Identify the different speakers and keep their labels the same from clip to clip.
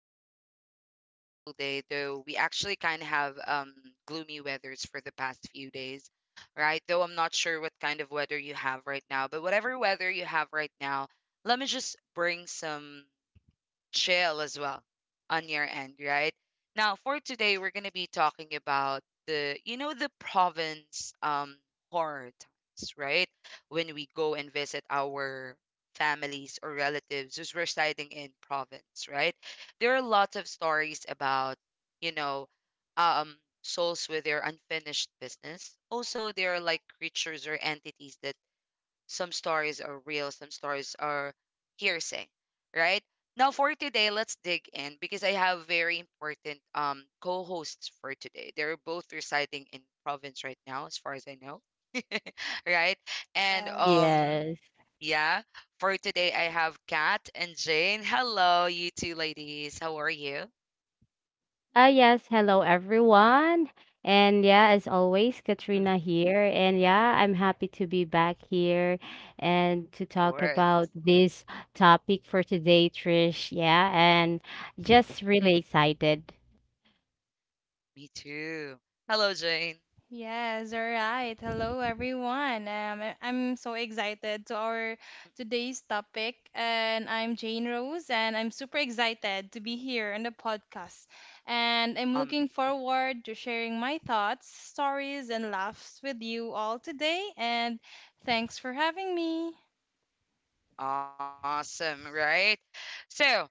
Speaker 1: that you are having a wonderful day, though we actually kind of have gloomy weathers for the past few days, right? Though I'm not sure what kind of weather you have right now, but whatever weather you have right now, let me just bring some chill as well on your end, right? Now, for today, we're going to be talking about the province horror times, right? When we go and visit our families or relatives who's residing in province, right? There are lots of stories about, you know, um souls with their unfinished business. Also, there are like creatures or entities that some stories are real, some stories are hearsay, right? Now for today, let's dig in because I have very important co-hosts for today. They're both residing in province right now, as far as I know, right? And
Speaker 2: Yes.
Speaker 3: Yes.
Speaker 1: yeah, for today I have Kat and Jane. Hello, you two ladies. How are you?
Speaker 3: Yes. Hello, everyone. And yeah, as always,
Speaker 1: Mhm. Of
Speaker 3: Katrina here. And yeah, I'm happy to be back here and to talk
Speaker 1: course.
Speaker 3: about this topic for today, Trish. Yeah, and just really excited.
Speaker 1: Me too. Hello, Jane.
Speaker 2: Yes, all right. Hello everyone. I'm so excited to our today's topic and I'm Jane Rose and I'm super excited to be here on the podcast. And I'm looking forward to
Speaker 1: Amazing.
Speaker 2: sharing my thoughts, stories and laughs with you all today and thanks for having me.
Speaker 1: Awesome, right? So,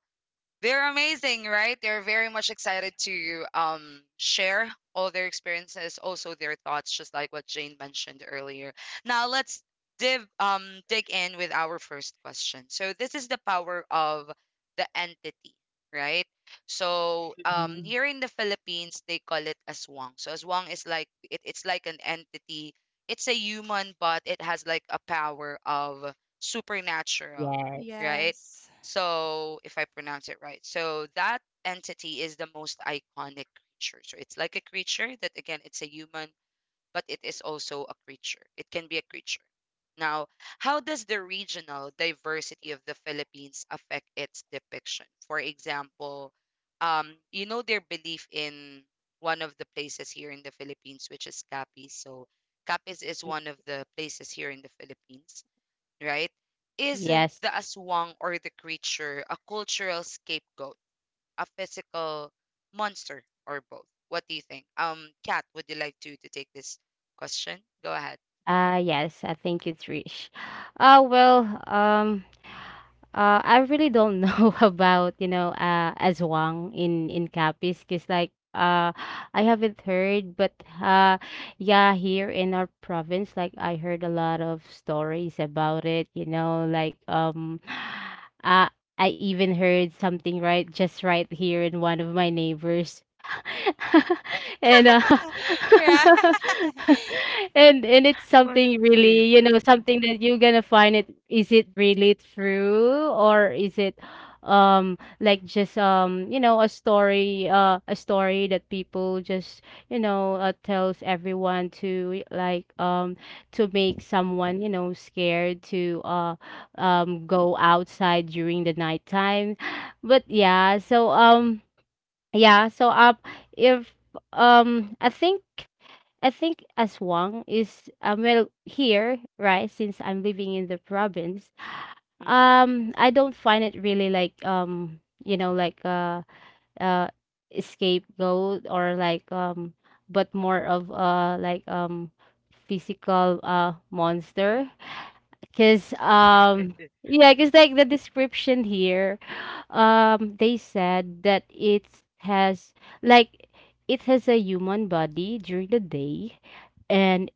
Speaker 1: they're amazing, right? They're very much excited to share all their experiences, also their thoughts, just like what Jane mentioned earlier. Now let's div dig in with our first question. So this is the power of the entity, right? So
Speaker 3: Mhm.
Speaker 1: here in the Philippines they call it aswang. So aswang is like it's like an entity. It's a human, but it has like a power of supernatural,
Speaker 3: Yes.
Speaker 1: right?
Speaker 2: Yes.
Speaker 1: So, if I pronounce it right. So, that entity is the most iconic creature. So, it's like a creature that, again, it's a human, but it is also a creature. It can be a creature. Now, how does the regional diversity of the Philippines affect its depiction? For example, their belief in one of the places here in the Philippines, which is Capiz. So, Capiz is one of the places here in the Philippines, right? Is the
Speaker 3: Yes.
Speaker 1: aswang or the creature a cultural scapegoat, a physical monster, or both? What do you think? Kat, would you like to take this question? Go ahead.
Speaker 3: Yes. I thank you, Trish. Uh, well, um, I really don't know about, aswang in Capiz, because I haven't heard, but uh, yeah, here in our province, like I heard a lot of stories about it. Uh, I even heard something right just right here in one of my neighbors. and
Speaker 2: Right.
Speaker 3: And it's
Speaker 1: One of
Speaker 3: something
Speaker 1: the
Speaker 3: really, you
Speaker 1: neighbors.
Speaker 3: know, something that you're gonna find, it is it really true or is it like just you know, a story that people just, you know, tells everyone to to make someone, you know, scared to
Speaker 1: Mm-mm,
Speaker 3: go outside during the nighttime. But yeah so yeah, so if I think I think aswang is, well here, right, since I'm living in the province.
Speaker 1: mm-mm,
Speaker 3: I don't find it really like, um uh scapegoat, or like but more of physical monster. Cause yeah, cause
Speaker 1: mm-mm,
Speaker 3: like the description here, um, they said that it has like it has a human body during the day, and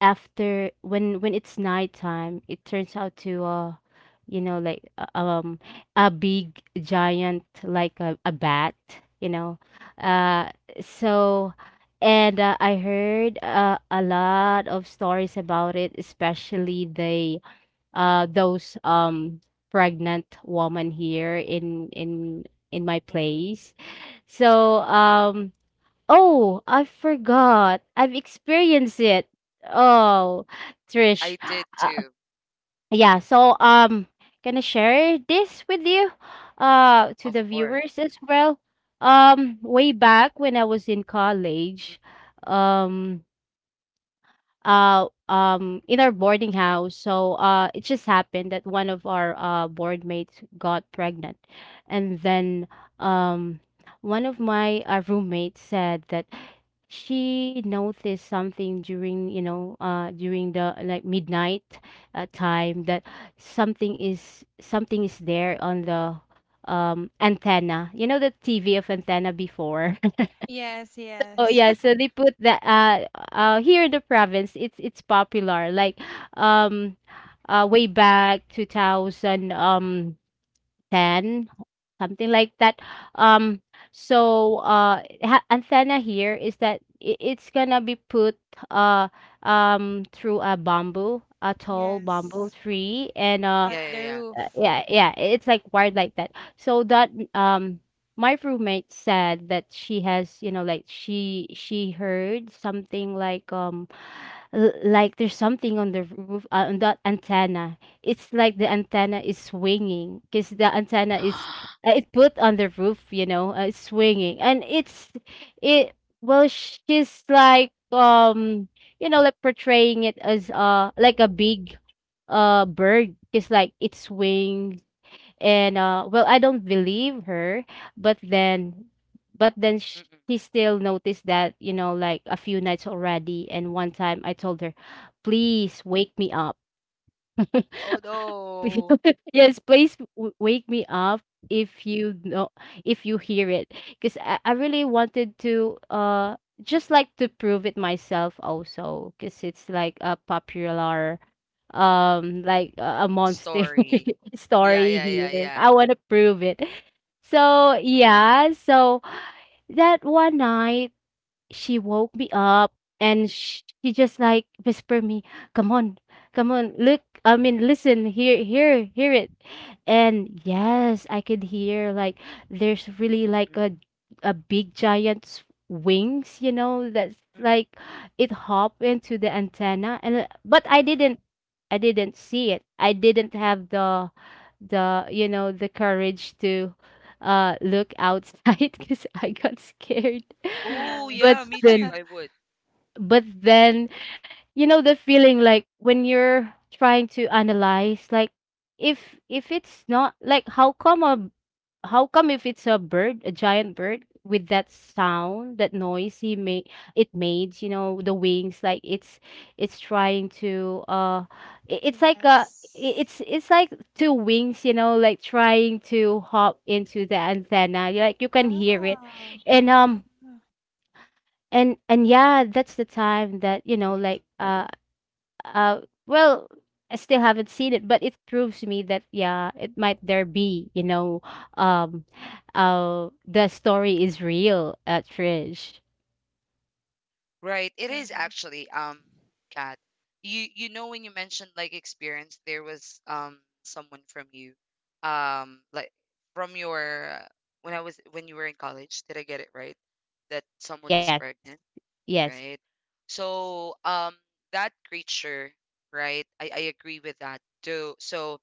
Speaker 3: after when it's nighttime, it turns out to you know like uh, um a big giant like a bat, you know. uh so. And I heard a lot of stories about it, especially they those pregnant woman here in my
Speaker 1: mm-mm,
Speaker 3: place. So
Speaker 1: mm-mm.
Speaker 3: um oh, I forgot. I've experienced it. Oh,
Speaker 1: I
Speaker 3: Trish.
Speaker 1: did
Speaker 3: Uh,
Speaker 1: too,
Speaker 3: yeah, gonna share this with you,
Speaker 1: of
Speaker 3: to the
Speaker 1: course.
Speaker 3: viewers as well. Way back when I was in
Speaker 1: Mm-mm.
Speaker 3: college, um in our boarding house, so, it just happened that one of our board mates got pregnant, and then, um, one of my, roommates said that she noticed something during, you know, during the like midnight, time, that something is there on the antenna, you know, the tv of antenna before.
Speaker 2: Yes,
Speaker 3: Oh
Speaker 2: yes.
Speaker 3: yeah, so they put the, here in the province it's popular like, um, way back 2000, um, 10, something like that. Um ha- antenna here is that I- it's gonna be put uh through a bamboo, a tall bamboo
Speaker 2: Yes.
Speaker 3: tree, and
Speaker 1: Yeah,
Speaker 2: At
Speaker 1: yeah,
Speaker 2: the
Speaker 1: yeah.
Speaker 2: roof.
Speaker 3: yeah, yeah, it's like wired like that. So that my roommate said that she has, you know, like, she heard something like, like there's something on the roof, on that antenna. It's like the antenna is swinging because the antenna is, it put on the roof, you know, it's swinging and it's it. Well, she's like, you know, like portraying it as like a big bird. It's like it swings, and well, I don't believe her, but then but then
Speaker 1: Mm,
Speaker 3: sh-
Speaker 1: mm.
Speaker 3: she still noticed that, you know, like a few nights already, and one time I told her, please wake me up.
Speaker 1: Oh no,
Speaker 3: Yes, please w- wake me up if you know, if you hear it, because I really wanted to just like to prove it myself also, because it's like a popular, um, a monster
Speaker 1: story. Yeah,
Speaker 3: story
Speaker 1: yeah, yeah,
Speaker 3: here.
Speaker 1: yeah.
Speaker 3: I want to prove it. So yeah, so that one night she woke me up, and sh- she just like whispered me, come on, come on, look I mean listen, hear it. And yes, I could hear like there's really
Speaker 1: Mm,
Speaker 3: like a big giant's wings, you know, that's
Speaker 1: mm-mm.
Speaker 3: like it hop into the antenna. And but I didn't, I didn't see it, I didn't have the, you know, the courage to look outside because I got scared.
Speaker 1: Oh
Speaker 3: But
Speaker 1: yeah,
Speaker 2: Yes.
Speaker 1: me too.
Speaker 3: then
Speaker 1: I would.
Speaker 3: then, you know the feeling like when you're trying to analyze like, if it's not like, how come if it's a bird, a giant bird, with that sound, that noise he made, it made, you know, the wings like it's trying to it's like
Speaker 2: Yes.
Speaker 3: it's like two wings, you know, like trying to hop into the antenna. You- like you can hear it.
Speaker 2: Oh,
Speaker 3: and um
Speaker 2: uh,
Speaker 3: and and yeah, that's the time that, you know,
Speaker 1: Mm-mm.
Speaker 3: like uh well, I still haven't seen it, but it proves to me that yeah, it might there be, you know, um the story is real at Trish.
Speaker 1: Right. It is
Speaker 2: yeah.
Speaker 1: actually, Kat. You know when you mentioned like experience, there was someone from you, like from your when I was when you were in college. Did I get it right? That someone is
Speaker 3: Yes.
Speaker 1: pregnant,
Speaker 3: Yes.
Speaker 1: right? So that creature, right? I agree with that too. So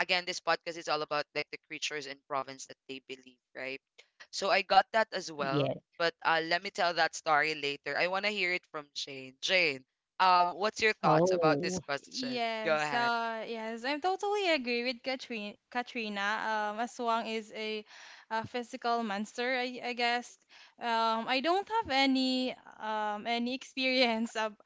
Speaker 1: again, this podcast is all about like the creatures and province that they believe, right? So I got that as well.
Speaker 3: Yes.
Speaker 1: But let me tell that story later. I want to hear it from Jane. Jane, what's your thoughts about this
Speaker 3: Oh.
Speaker 1: question? Go
Speaker 2: Yes,
Speaker 1: ahead.
Speaker 2: uh, yes, I totally agree with Katrina. Katrina, Aswang is a physical monster, I guess. I don't have any any experience ab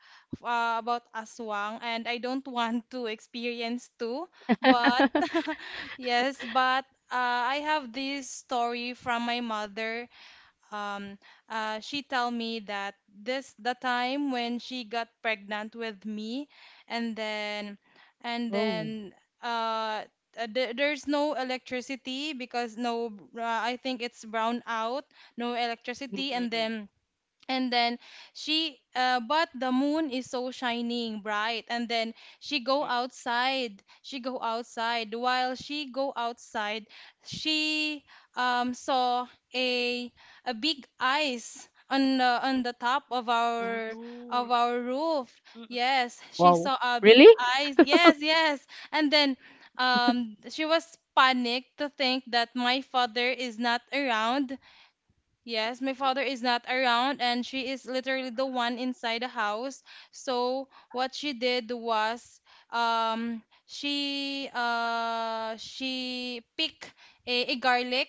Speaker 2: about Aswang, and I don't want to experience too. But yes, but I have this story from my mother. um, she tell me that this the time when she got pregnant with me, and then and
Speaker 3: Oh.
Speaker 2: then uh, there- there's no electricity because no, I think it's brown out, no electricity, and
Speaker 3: Mm.
Speaker 1: Mm-mm,
Speaker 2: then and then she but the moon is so shining bright and then she go
Speaker 1: mm-mm.
Speaker 2: outside she go outside while she go outside she saw a a big ice on the top of
Speaker 1: Oh
Speaker 2: our of
Speaker 1: no.
Speaker 2: our roof.
Speaker 1: Mm-mm.
Speaker 2: Yes, she
Speaker 3: Wow.
Speaker 2: saw a big
Speaker 3: Really?
Speaker 2: ice. Yes, yes. And then she was panicked to think that my father is not around. Yes, my father is not around, and she is literally the one inside the house. So what she did was, she pick a garlic,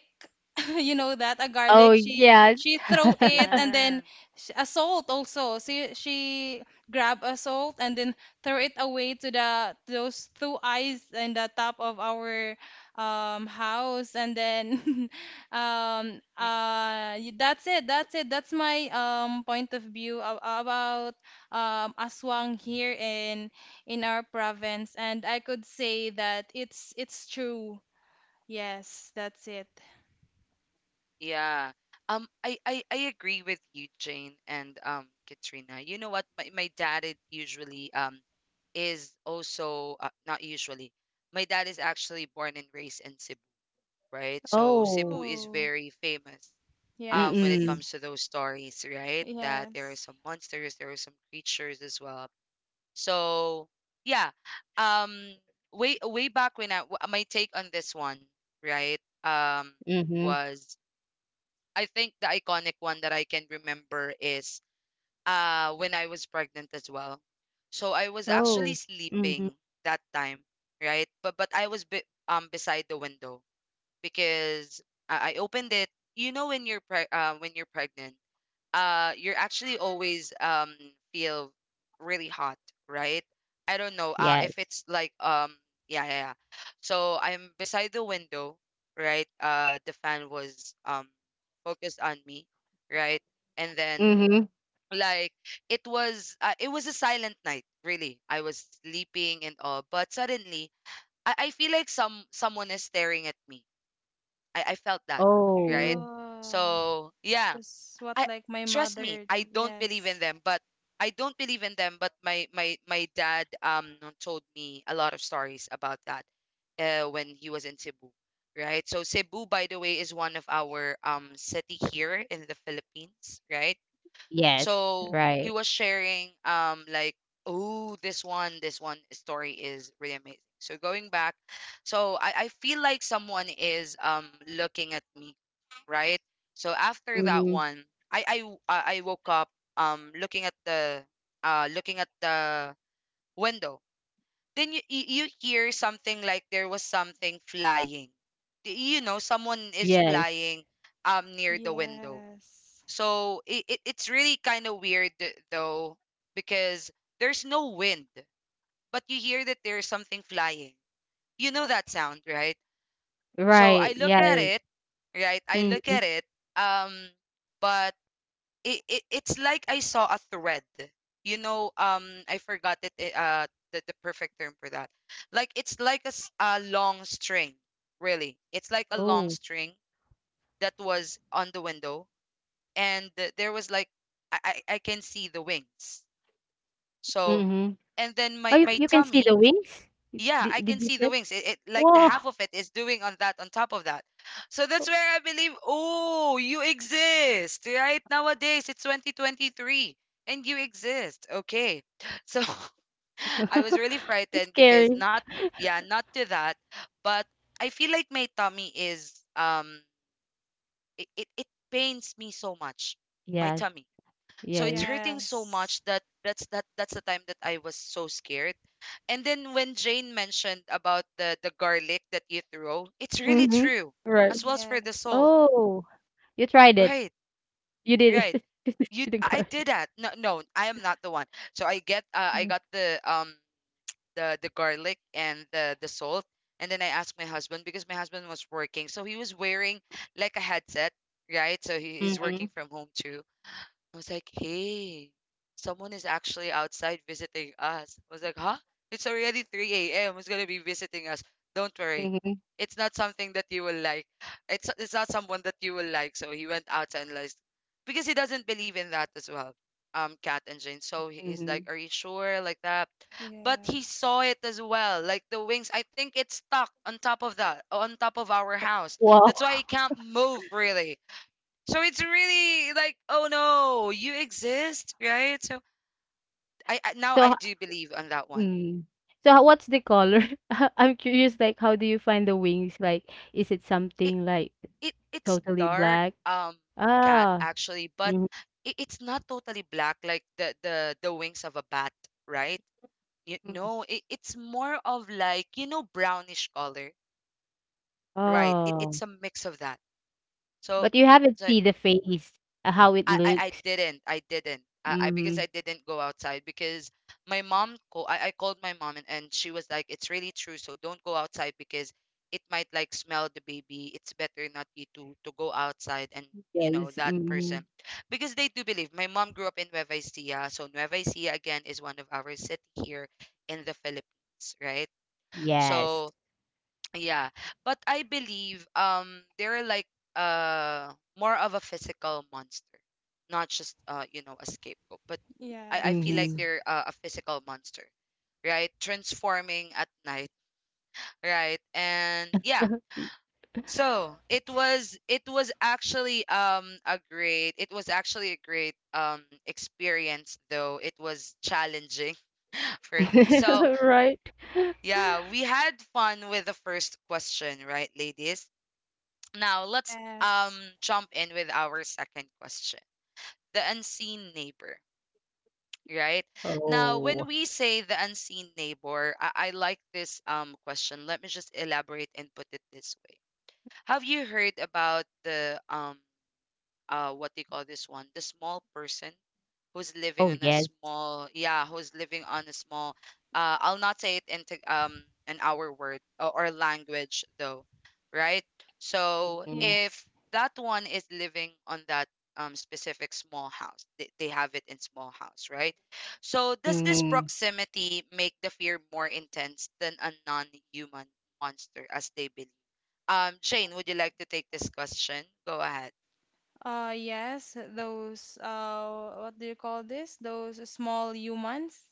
Speaker 2: you know that a
Speaker 3: Oh
Speaker 2: garlic. She
Speaker 3: yes.
Speaker 2: she throw it and
Speaker 1: Yeah.
Speaker 2: then a salt also. She grab a salt and then throw it away to the those two eyes in the top of our house, and then
Speaker 1: Mm-mm.
Speaker 2: that's it. That's it. That's my point of view about aswang here in our province, and I could say that it's true. Yes, that's it.
Speaker 1: Yeah. I agree with you, Jane, and Katrina. You know what? My dad is usually is also not usually. My dad is actually born and raised in Cebu, right? So Cebu
Speaker 3: Oh.
Speaker 1: is
Speaker 2: Oh,
Speaker 1: very famous when it
Speaker 2: yes,
Speaker 3: Mm-mm.
Speaker 1: comes to those stories, right? That there are
Speaker 2: yes,
Speaker 1: some monsters, there are some creatures as well. So yeah, um, way back when I w- my take on this one, right? Um,
Speaker 3: Mm-hmm.
Speaker 1: was I think the iconic one that I can remember is when I was pregnant as well. So I was actually
Speaker 3: Oh. Mm-hmm.
Speaker 1: sleeping that time, right? But I was beside the window because I opened it. You know when you're when you're pregnant, you're actually always feel really hot, right? I don't know if
Speaker 3: Yes.
Speaker 1: it's like yeah. So I'm beside the window, right? The fan was focused on me, right? And then,
Speaker 3: Mm-hmm.
Speaker 1: like, it was a silent night really. I was sleeping and all, but suddenly I feel like someone is staring at me. I felt that, right?
Speaker 3: Oh.
Speaker 2: yeah.
Speaker 1: So yeah,
Speaker 2: Just what
Speaker 1: I—
Speaker 2: like my
Speaker 1: trust me,
Speaker 2: mother.
Speaker 1: I don't believe in
Speaker 2: Yes,
Speaker 1: them, but I don't believe in them, but my dad told me a lot of stories about that, when he was in Cebu, right? So Cebu, by the way, is one of our city here in the Philippines, right?
Speaker 3: Yes.
Speaker 1: So he
Speaker 3: Right.
Speaker 1: was sharing like, oh, this one story is really amazing. So going back, so I feel like someone is looking at me, right? So after that
Speaker 3: Mm-hmm.
Speaker 1: one, I woke up um looking at the looking at the window. Then you hear something like there was something flying. You know, someone is
Speaker 3: Yes.
Speaker 1: flying near the window,
Speaker 2: yes,
Speaker 1: so it it's really kind of weird though because there's no wind, but you hear that there's something flying. You know that sound, right? So
Speaker 3: Right,
Speaker 1: I look at
Speaker 3: yes.
Speaker 1: it, right? I look
Speaker 3: Mhm.
Speaker 1: at it, um, but it it's like I saw a thread. You know, I forgot it, the perfect term for that. Like it's like a, a long string, really. It's like a long
Speaker 3: Oh,
Speaker 1: string that was on the window, and there was like I can see the wings. So
Speaker 3: mhm.
Speaker 1: and then
Speaker 3: Oh,
Speaker 1: my
Speaker 3: you
Speaker 1: my
Speaker 3: you can see
Speaker 1: tummy—
Speaker 3: the wings?
Speaker 1: yeah,
Speaker 3: Did
Speaker 1: I can
Speaker 3: did you
Speaker 1: see the
Speaker 3: said?
Speaker 1: wings. It like the half
Speaker 3: Woah!
Speaker 1: of it is doing on that, on top of that. So that's where I believe, oh, you exist, right? Nowadays it's 2023 and you exist. Okay. So I was really
Speaker 3: It's
Speaker 1: frightened because—
Speaker 3: scary.
Speaker 1: not yeah, not to that, but I feel like my tummy is it, it, it pains me so much. My
Speaker 3: Yes,
Speaker 1: tummy. So it's
Speaker 3: yes.
Speaker 1: hurting so
Speaker 2: yes,
Speaker 1: much that that's the time that I was so scared. And then when Jane mentioned about the garlic that you throw, it's really
Speaker 3: Mhm.
Speaker 1: true
Speaker 3: Right.
Speaker 1: as well as for the
Speaker 2: yes,
Speaker 1: salt.
Speaker 3: Oh, you tried it.
Speaker 1: Right,
Speaker 3: You did
Speaker 1: right.
Speaker 3: it.
Speaker 1: You—
Speaker 3: You did
Speaker 1: I
Speaker 3: good.
Speaker 1: did that. No, no, I am not the one. So I get, I
Speaker 3: Mm.
Speaker 1: got the garlic and the salt, and then I asked my husband because my husband was working, so he was wearing like a headset, right? So he's working
Speaker 3: Mhm,
Speaker 1: from home too. I was like, hey, someone is actually outside visiting us. I was like, huh? It's already 3 a.m. Who's going to be visiting us? Don't worry.
Speaker 3: mhm,
Speaker 1: It's not something that you will like. It's not someone that you will like. So he went outside, and like, because he doesn't believe in that as well. Cat and Jane. So he's like,
Speaker 3: mhm.
Speaker 1: are you sure? Like that. But he
Speaker 2: yes,
Speaker 1: saw it as well. Like the wings, I think it's stuck on top of that, on top of our house.
Speaker 3: Wow!
Speaker 1: That's why he can't move really. So it's really like, oh no, you exist, right? So I now I
Speaker 3: So
Speaker 1: do believe on that one.
Speaker 3: mm. So ho- what's the color? I'm curious, like, how do you find the wings? Like, is it
Speaker 1: It
Speaker 3: something, like,
Speaker 1: it's
Speaker 3: totally
Speaker 1: dark,
Speaker 3: black?
Speaker 1: um, cat
Speaker 3: Ah.
Speaker 1: actually, but
Speaker 3: Mhm.
Speaker 1: it's not totally black like the wings of a bat, right? You—
Speaker 3: Mm.
Speaker 1: no, it, it's more of like, you know, brownish color, right? It, it's
Speaker 3: Oh,
Speaker 1: a mix of that. So
Speaker 3: but you haven't
Speaker 1: it's like
Speaker 3: seen the face, how it
Speaker 1: I
Speaker 3: looks.
Speaker 1: didn't. I didn't. I because I
Speaker 3: Mhm.
Speaker 1: didn't go outside because my mom call I called my mom, and she was like, it's really true, so don't go outside because it might like smell the baby. It's better not you to go outside. And you know
Speaker 3: Yes.
Speaker 1: that
Speaker 3: Mhm.
Speaker 1: person, because they do believe. My mom grew up in Nueva Ecija, so Nueva Ecija again is one of our city here in the Philippines, right?
Speaker 3: Yes.
Speaker 1: So yeah. But I believe they're like more of a physical monster, not just a scapegoat. But I feel like
Speaker 2: yes.
Speaker 3: Mhm.
Speaker 1: they're a physical monster, right? Transforming at night, right? And yeah. So it was actually a great it was actually a great experience, though it was challenging for me. So
Speaker 3: Right?
Speaker 1: yeah, we had fun with the first question, right, ladies? Now let's
Speaker 2: Yes.
Speaker 1: jump in with our second question. The unseen neighbor, right? Now when
Speaker 3: Oh.
Speaker 1: we say the unseen neighbor, I like this question. Let me just elaborate and put it this way. Have you heard about the what do you call this one? The small person who's living
Speaker 3: Oh,
Speaker 1: in a
Speaker 3: yes.
Speaker 1: small yeah who's living on a small I'll not say it into an our word or language though, right? So
Speaker 3: Mhm.
Speaker 2: Yes.
Speaker 1: if that one is living on that specific small house, they have it in small house, right? So does this
Speaker 3: Mhm.
Speaker 1: proximity make the fear more intense than a non-human monster as they believe? Jane, would you like to take this question? Go ahead.
Speaker 2: Yes, those what do you call this? Those small humans,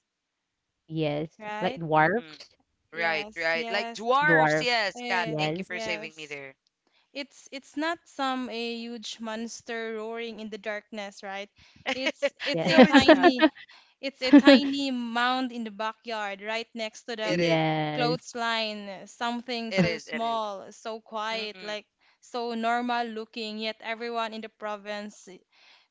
Speaker 3: Yes. Like
Speaker 2: right?
Speaker 1: Mm-mm.
Speaker 3: dwarfs.
Speaker 1: Right,
Speaker 2: Yes,
Speaker 1: right. Like
Speaker 2: yes,
Speaker 1: dwarfs,
Speaker 3: Dwarfs.
Speaker 1: yes, Kat,
Speaker 2: eh,
Speaker 1: thank you
Speaker 3: Yes.
Speaker 1: for saving me
Speaker 2: yes,
Speaker 1: there.
Speaker 2: It's not some a huge monster roaring in the darkness, right? It's it's
Speaker 3: Yeah.
Speaker 2: a
Speaker 1: No, it's not.
Speaker 2: tiny it's a tiny mound in the backyard right next to the
Speaker 1: It is.
Speaker 3: Yes.
Speaker 2: clothesline, something
Speaker 1: It
Speaker 2: so
Speaker 1: is. It is.
Speaker 2: small, so quiet,
Speaker 1: Mm-mm.
Speaker 2: like so normal looking, yet everyone in the province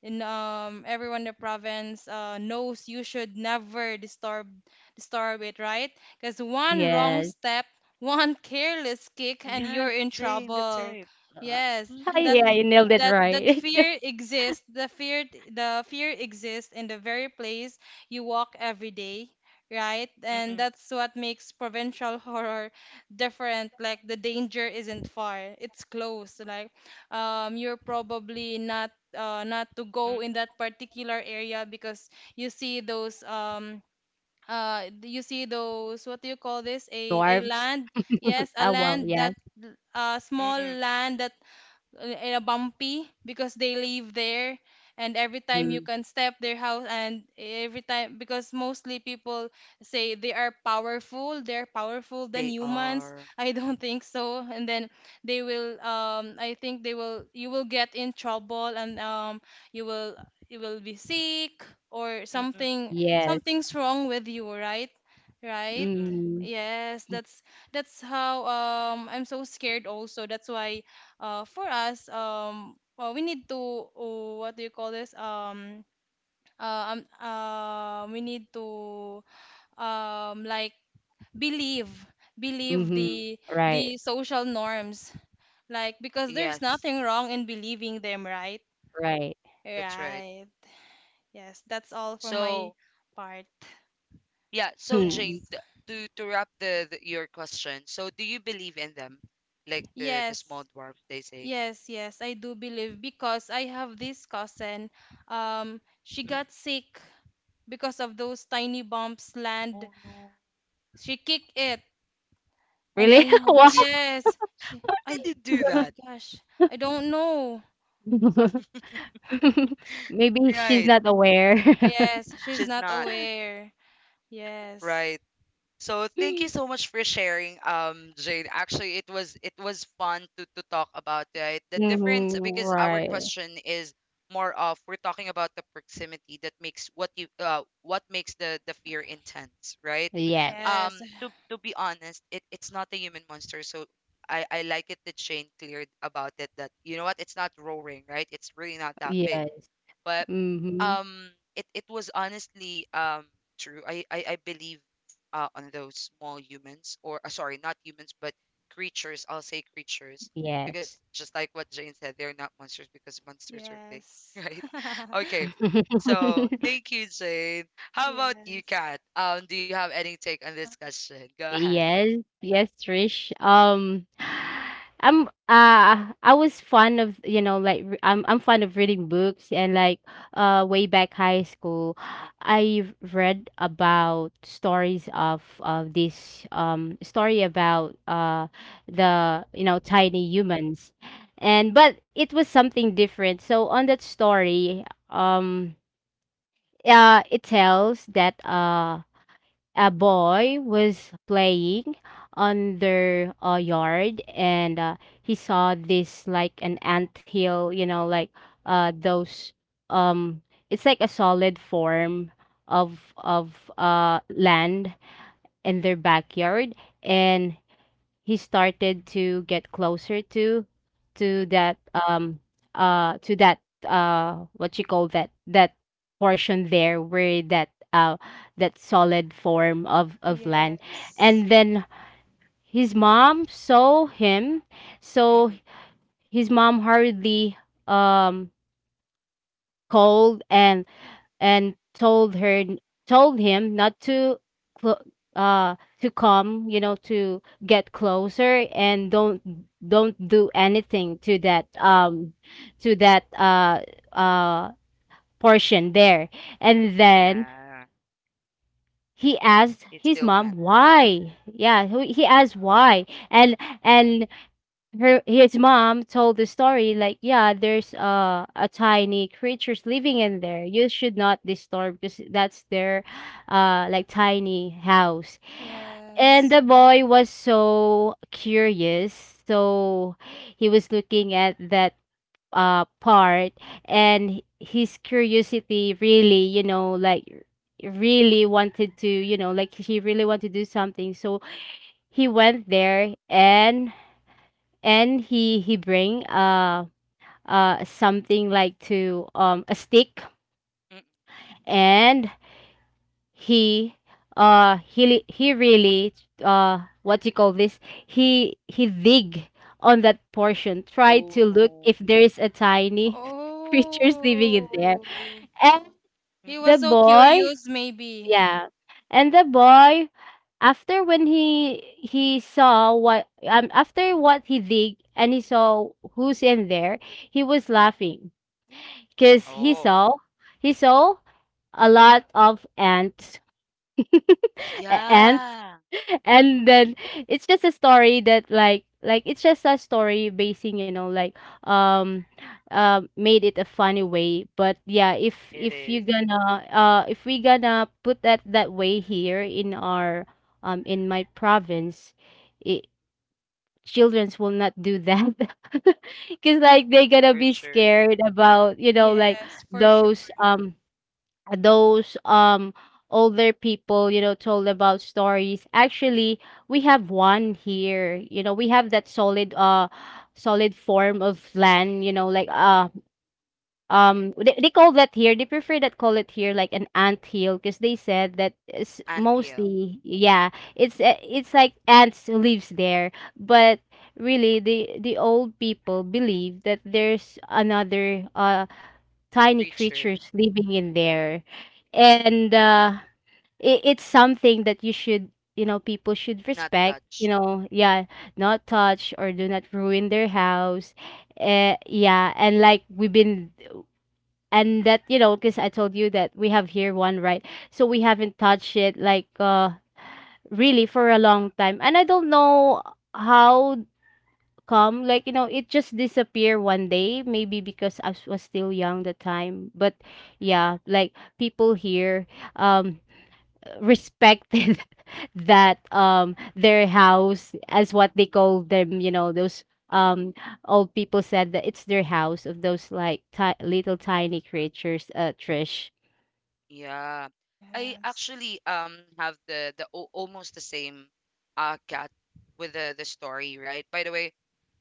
Speaker 2: in everyone in the province knows you should never disturb it, right? Because one wrong
Speaker 3: Yes.
Speaker 2: step, one careless kick,
Speaker 1: Yes,
Speaker 2: and you're in
Speaker 1: Jane, that's right.
Speaker 2: trouble.
Speaker 3: Uh,
Speaker 2: Yes, that
Speaker 3: yeah,
Speaker 1: Mm-mm.
Speaker 3: you nailed it
Speaker 2: that
Speaker 3: right.
Speaker 2: fear exists. The fear exists in the very place you walk every day, right?
Speaker 1: Mm-mm.
Speaker 2: And that's what makes provincial horror different. Like the danger isn't far. It's close. Like you're probably not not to go
Speaker 1: Mm-mm.
Speaker 2: in that particular area because you see those um you see those what do you call this? A
Speaker 3: Dwarfs.
Speaker 2: land. Yes, a
Speaker 3: Oh, wow.
Speaker 2: land that
Speaker 3: Yes.
Speaker 2: a small
Speaker 1: Mm-mm.
Speaker 2: land that in a bumpy because they live there and every time you
Speaker 3: Mm.
Speaker 2: can step their house and every time because mostly people say they are powerful they're powerful than
Speaker 1: They
Speaker 2: humans
Speaker 1: are.
Speaker 2: I don't think so and then they will I think they will you will get in trouble and you will you will be sick or
Speaker 1: Mm-mm.
Speaker 2: something
Speaker 3: Yes.
Speaker 2: something's wrong with you, right? Right.
Speaker 1: Mm-mm.
Speaker 3: Mhm.
Speaker 2: Yes, that's how I'm so scared also, that's why for us, well, we need to, what do you call this? We need to, like believe, believe
Speaker 3: Mhm. Right.
Speaker 2: the social norms, like because there's
Speaker 1: Yes,
Speaker 2: nothing wrong in believing them, right?
Speaker 3: Right.
Speaker 1: that's right.
Speaker 2: Right. Yes, that's all for
Speaker 1: So,
Speaker 2: my part.
Speaker 1: yeah, so
Speaker 3: Hmm.
Speaker 1: Jane,
Speaker 2: Yes.
Speaker 1: to wrap the your question, so do you believe in them? Like the
Speaker 2: Yes.
Speaker 1: small dwarfs, they say.
Speaker 2: Yes, yes, I do believe because I have this cousin. She
Speaker 1: Mm-mm.
Speaker 2: got sick because of those tiny bumps land.
Speaker 1: Oh no.
Speaker 2: She kicked it and
Speaker 3: Really?
Speaker 2: then
Speaker 3: Wow.
Speaker 2: yes she
Speaker 1: Why did
Speaker 2: I
Speaker 1: you do that?
Speaker 2: gosh I don't know.
Speaker 3: Maybe she's
Speaker 1: Right.
Speaker 3: not aware.
Speaker 2: Yes, she's
Speaker 1: She's
Speaker 2: not
Speaker 1: not,
Speaker 2: aware. Yes,
Speaker 1: right? So thank you so much for sharing, Jade. Actually, it was fun to talk about, right, the difference,
Speaker 3: Mhm,
Speaker 1: because our
Speaker 3: right.
Speaker 1: question is more of we're talking about the proximity that makes what you what makes the fear intense, right?
Speaker 3: Yes,
Speaker 1: Um,
Speaker 2: yes,
Speaker 1: to be honest, it it's not a human monster, so. I like it that Shane cleared about it, that you know what, it's not roaring, right? It's really not that big,
Speaker 3: yes.
Speaker 1: but
Speaker 3: Mhm,
Speaker 1: it it was honestly true. I believe on those small humans or sorry, not humans but creatures. I'll say creatures
Speaker 3: yes.
Speaker 1: because just like what Jane said, they're not monsters because monsters are big,
Speaker 2: yes.
Speaker 1: right? Okay. So thank you, Jane. How about you,
Speaker 2: Yes,
Speaker 1: Kat? Do you have any take on this question? Go ahead.
Speaker 3: Yes, yes, Trish. I was fond of, you know, like re- I'm fond of reading books, and like way back high school,
Speaker 1: Mm,
Speaker 3: I read about stories of this story about the, you know, tiny humans, and but it was something different. So on that story, um, it tells that a boy was playing on their yard, and he saw this like an anthill, you know, like those um it's like a solid form of land in their backyard, and he started to get closer to
Speaker 1: mm,
Speaker 3: to that, to that, what you call that, that portion there, where that, that solid form of land.
Speaker 2: yes,
Speaker 3: And then his mom saw him,
Speaker 1: mm,
Speaker 3: so
Speaker 1: mm.
Speaker 3: his mom hurriedly, um, called, and told her, told him not to clo- uh to come, you know, to get closer, and don't do anything to that, to that, uh portion there. And then
Speaker 1: Yeah,
Speaker 3: he asked
Speaker 1: he
Speaker 3: his
Speaker 1: still
Speaker 3: mom
Speaker 1: went.
Speaker 3: why, yeah, who- he asked why. and and her his mom told the story like, yeah, there's a tiny creatures living in there, you should not disturb because that's their like tiny house. And
Speaker 2: yes.
Speaker 3: the boy was so curious, so he was looking at that part, and his curiosity really, you know, like really wanted to, you know, like, he really wanted to do something. So he went there, and he bring something like to a stick,
Speaker 1: Mm.
Speaker 3: and he really what you call this he dig on that portion, try
Speaker 1: Oh
Speaker 3: to look
Speaker 1: no.
Speaker 3: if there is a tiny creatures living in there.
Speaker 2: Oh,
Speaker 3: And
Speaker 2: he
Speaker 1: Mm-mm.
Speaker 3: the
Speaker 2: was so
Speaker 3: boy
Speaker 2: curious maybe.
Speaker 3: Yeah. And the boy, after when he saw what, um, after what he did, and he saw who's in there, he was laughing because he
Speaker 1: Oh.
Speaker 3: saw, he saw a lot of ants. A-
Speaker 1: Yeah. Mm-mm.
Speaker 3: and then it's just a story that like, it's just a story basing, you know, like um made it a funny way. But yeah,
Speaker 1: It
Speaker 3: if
Speaker 1: is
Speaker 3: you gonna if we gonna put that that way here in our, um, in my province, it children's will not do that because like they gonna
Speaker 1: for
Speaker 3: be
Speaker 1: sure.
Speaker 3: scared about, you know, like
Speaker 2: Yes, for sure.
Speaker 3: those um, those um, older people, you know, told about stories. Actually, we have one here, you know, we have that solid solid form of land, you know, like they call that here, they prefer that call it here like an ant hill, because they said that it's
Speaker 1: Anthill,
Speaker 3: mostly, yeah, it's like ants lives there, but really the old people believe that there's another tiny
Speaker 1: creature,
Speaker 3: creatures living in there. And it, it's something that you should, you know, people should
Speaker 1: not
Speaker 3: respect. You
Speaker 1: touch.
Speaker 3: know, yeah, not touch or do not ruin their house. Yeah, and like we've been, and that, you know, because I told you that we have here one, right? So we haven't touched it like, really for a long time. And I don't know how come, like, you know, it just disappear one day, maybe because I s- was still young the time. But yeah, like people here um respected that their house as what they call them, those um old people said that it's their house of those like little tiny creatures, Trish.
Speaker 1: Yeah. I
Speaker 2: Yes,
Speaker 1: actually have the almost the same cat with the story, right? By the way,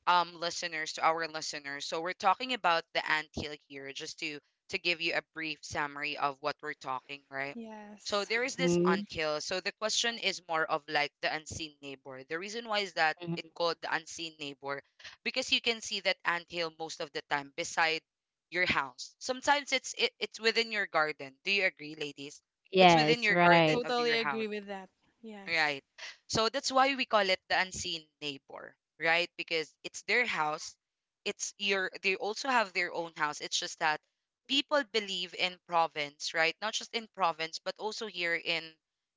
Speaker 1: listeners, to our listeners, so we're talking about the anthill here just to give you a brief summary of what we're talking, right? So
Speaker 2: yes,
Speaker 1: there is this
Speaker 3: Mm,
Speaker 1: anthill, so the question is more of like the unseen neighbor. The reason why is that
Speaker 3: mhm.
Speaker 1: it called the unseen neighbor because you can see that anthill most of the time beside your house. Sometimes it's it's within your garden. Do you agree, ladies? It's within
Speaker 3: Yes,
Speaker 1: your
Speaker 2: so I
Speaker 3: right.
Speaker 1: garden of
Speaker 2: totally
Speaker 1: your
Speaker 2: agree
Speaker 1: house.
Speaker 2: with that. Yes.
Speaker 1: Right. So that's why we call it the unseen neighbor, right? Because it's their house. It's your they also have their own house. It's just that people believe in province, right? Not just in province, but also here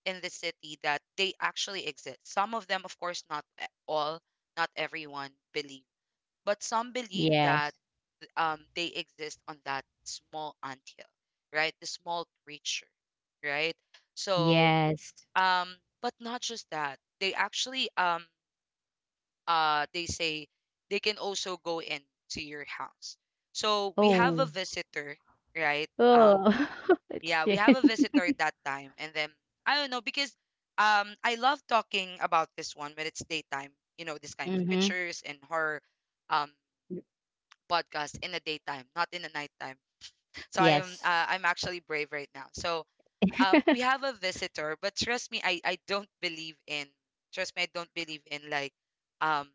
Speaker 1: in the city, that they actually exist. Some of them, of course, not all, not everyone believe, but some believe that
Speaker 3: Yes.
Speaker 1: they exist on that small anthill, right? The small creature, right? So
Speaker 3: Yes.
Speaker 1: um but not just that, they actually they say they can also go into your house, so we have a
Speaker 3: Oh.
Speaker 1: visitor, right?
Speaker 3: Oh, it's
Speaker 1: Yeah, we have a
Speaker 3: different.
Speaker 1: visitor that time. And then I don't know, because I love talking about this one when it's daytime, you know, this kind of
Speaker 3: Mm-hmm.
Speaker 1: creatures and horror um podcast, in the daytime, not in the nighttime. So I am
Speaker 3: Yes.
Speaker 1: I'm actually brave right now. So we have a visitor, but trust me, I don't believe in trust me, I don't believe in like um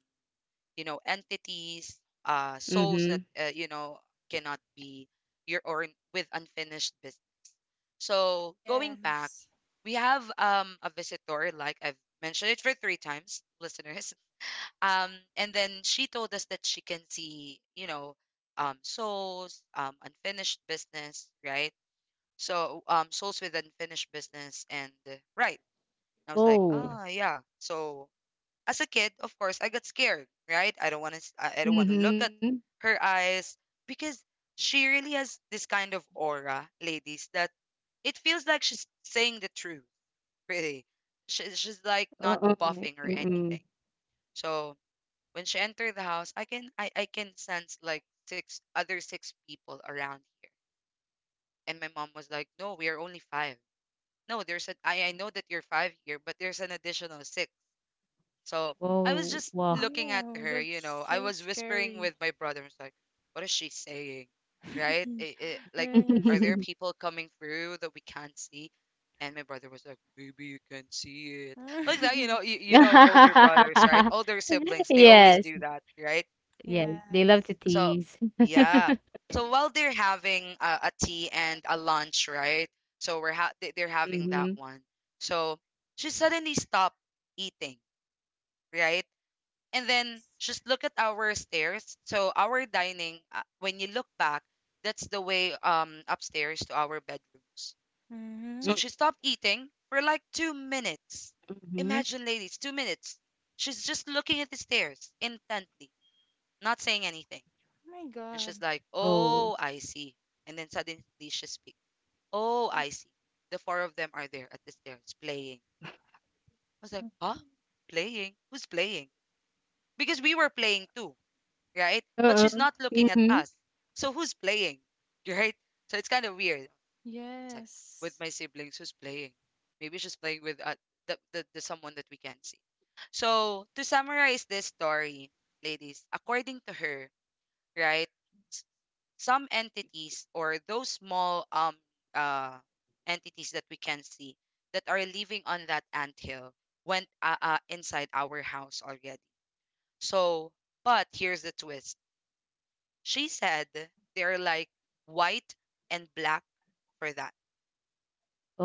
Speaker 1: you know, entities, souls that,
Speaker 3: Mhm.
Speaker 1: you know, cannot be your or with unfinished business. So going back,
Speaker 2: Yes.
Speaker 1: we have a visitor. Like I've mentioned it for 3 times, listeners. And then she told us that she can see, you know, souls, unfinished business, right? So Souls with Unfinished Business. And right. I was like,
Speaker 3: Oh.
Speaker 1: ah, yeah. So as a kid, of course, I got scared, right? I don't want to I don't want to look
Speaker 3: Mhm.
Speaker 1: at her eyes because she really has this kind of aura, ladies, that it feels like she's saying the truth, really. She's like
Speaker 3: Oo,
Speaker 1: not buffing or
Speaker 3: mm.
Speaker 1: anything. So when she entered the house, I can I can sense like 6 other 6 people around here. And my mom was like, "No, we are only 5." No, there's a, I know that you're 5 here, but there's an additional 6. So I was
Speaker 3: Wow,
Speaker 1: just
Speaker 3: wow.
Speaker 1: looking at
Speaker 2: Oh,
Speaker 1: her, you know,
Speaker 2: that's
Speaker 1: I
Speaker 2: so
Speaker 1: was whispering
Speaker 2: scary.
Speaker 1: with my brother. I was like, what is she saying? Right? Like, are
Speaker 2: Yes.
Speaker 1: there people coming through that we can't see? And my brother was like, maybe you can see it. Like that, you know, you, you know, older brothers, right? Older siblings, they always
Speaker 3: Yes,
Speaker 1: do that, right?
Speaker 3: yes, they love to
Speaker 2: Yes.
Speaker 1: So,
Speaker 3: tease.
Speaker 1: yeah. So while they're having a tea and a lunch, right? So we're they're having that
Speaker 3: Mhm.
Speaker 1: one. So she suddenly stopped eating, right? And then
Speaker 2: Yes.
Speaker 1: just look at our stairs. So our dining, when you look back, that's the way upstairs to our bedrooms.
Speaker 2: Mm-hmm.
Speaker 1: So
Speaker 3: Mm,
Speaker 2: Oh
Speaker 1: she stopped eating for like 2 minutes.
Speaker 3: mhm.
Speaker 1: Imagine, ladies, 2 minutes. She's just looking at the stairs intently, not saying anything.
Speaker 2: my
Speaker 1: And she's
Speaker 2: God.
Speaker 1: like,
Speaker 3: Oh.
Speaker 1: Oh, I see. And then suddenly she speaks, Oh, I see. The four of them are there at the stairs playing. I was like, Huh? Playing? Who's playing? Because we were playing too, right? But
Speaker 3: Oo.
Speaker 1: she's not looking at
Speaker 3: Mhm.
Speaker 1: us. So who's playing? Right? So it's kind of weird. It's like, with
Speaker 2: Yes.
Speaker 1: my siblings, who's playing? Maybe she's playing with the someone that we can't see. So to summarize this story, ladies, according to her, right? Some entities or those small uh entities that we can see, that are living on that anthill, went inside our house already. So but here's the twist. She said they're like white and black for that.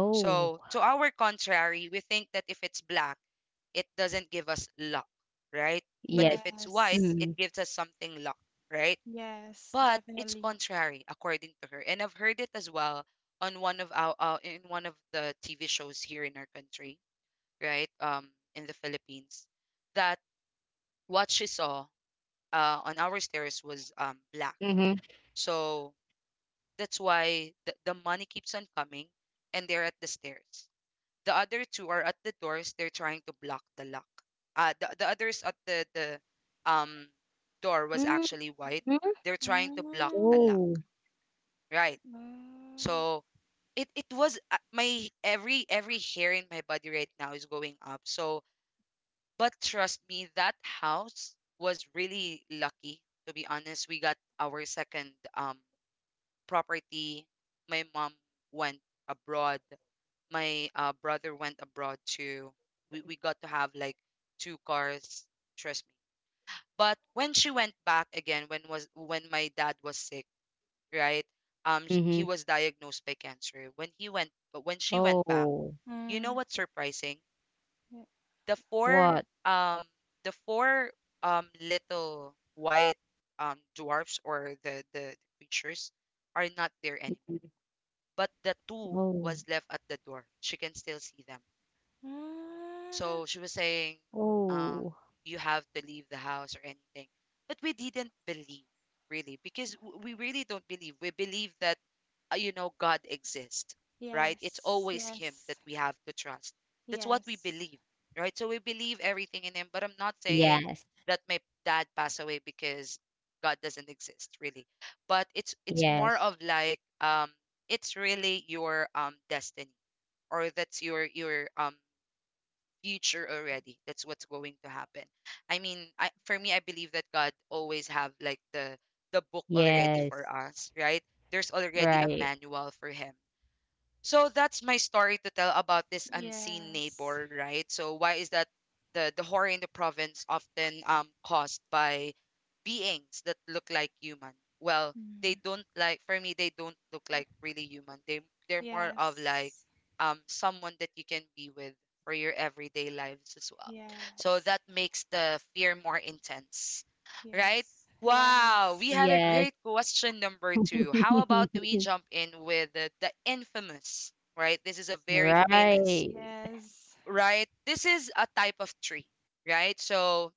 Speaker 3: Oh,
Speaker 1: So to our contrary, we think that if it's black, it doesn't give us luck, right? But if
Speaker 3: yes.
Speaker 1: it's white,
Speaker 2: Yes.
Speaker 1: it
Speaker 3: Mhm.
Speaker 1: gives us something luck, right?
Speaker 2: Yes,
Speaker 1: But it's
Speaker 2: definitely.
Speaker 1: contrary according to her, and I've heard it as well on one of our in one of the TV shows here in our country, right? In the Philippines, that what she saw, on our stairs was black.
Speaker 3: Mhm.
Speaker 1: So that's why the money keeps on coming, and they're at the stairs. The other two are at the doors, they're trying to block the lock. The others at the um door was
Speaker 3: Mhm.
Speaker 1: actually white. They're trying to block the
Speaker 2: Mm-hmm.
Speaker 1: lock,
Speaker 3: Oh.
Speaker 1: right?
Speaker 2: Mm.
Speaker 1: So it was my every hair in my body right now is going up. So but trust me, that house was really lucky. To be honest, we got our second property. My mom went abroad. My brother went abroad too. We got to have like 2 cars. Trust me. But when she went back again, when was when my dad was sick, right? He
Speaker 3: Mhm.
Speaker 1: was diagnosed by cancer. When he went, but when she went back,
Speaker 3: Oh.
Speaker 1: you know what's surprising?
Speaker 2: Yeah.
Speaker 1: The four,
Speaker 3: What?
Speaker 1: um, the four, little white, dwarfs or the creatures are not there anymore.
Speaker 3: Mhm.
Speaker 1: But the two
Speaker 3: Oh.
Speaker 1: was left at the door. She can still see them. So
Speaker 2: Mm.
Speaker 1: she was saying, um,
Speaker 3: Oh.
Speaker 1: you have to leave the house or anything. But we didn't believe, really, because we really don't believe. We believe that, you know, God exists, right? It's
Speaker 2: Yes.
Speaker 1: always Him that
Speaker 2: Yes.
Speaker 1: we have to trust. That's what we
Speaker 2: Yes.
Speaker 1: believe, right? So we believe everything in Him. But I'm not saying
Speaker 3: Yes,
Speaker 1: that my dad passed away because God doesn't exist, really. But it's more of
Speaker 3: yes,
Speaker 1: like it's really your destiny, or that's your future already. That's what's going to happen. I mean, I, for me, I believe that God always have like the book already for
Speaker 3: yes.
Speaker 1: us, right? There's already a
Speaker 3: Right.
Speaker 1: manual for Him. So that's my story to tell about this unseen
Speaker 2: Yes.
Speaker 1: neighbor, right? So why is that the horror in the province often caused by beings that look like human? Well, they
Speaker 2: Mm.
Speaker 1: don't like for me they don't look like really human. They they're more of like
Speaker 2: Yes.
Speaker 1: someone that you can be with for your everyday lives as well. So
Speaker 2: Yes.
Speaker 1: that makes the fear more intense, right?
Speaker 2: Yes.
Speaker 1: Wow, we
Speaker 2: Yes.
Speaker 1: had a great
Speaker 3: Yes.
Speaker 1: question number two. How about we jump in with the infamous, right? This is a very famous,
Speaker 3: Right.
Speaker 2: Yes,
Speaker 1: right? This is a type of tree, right? So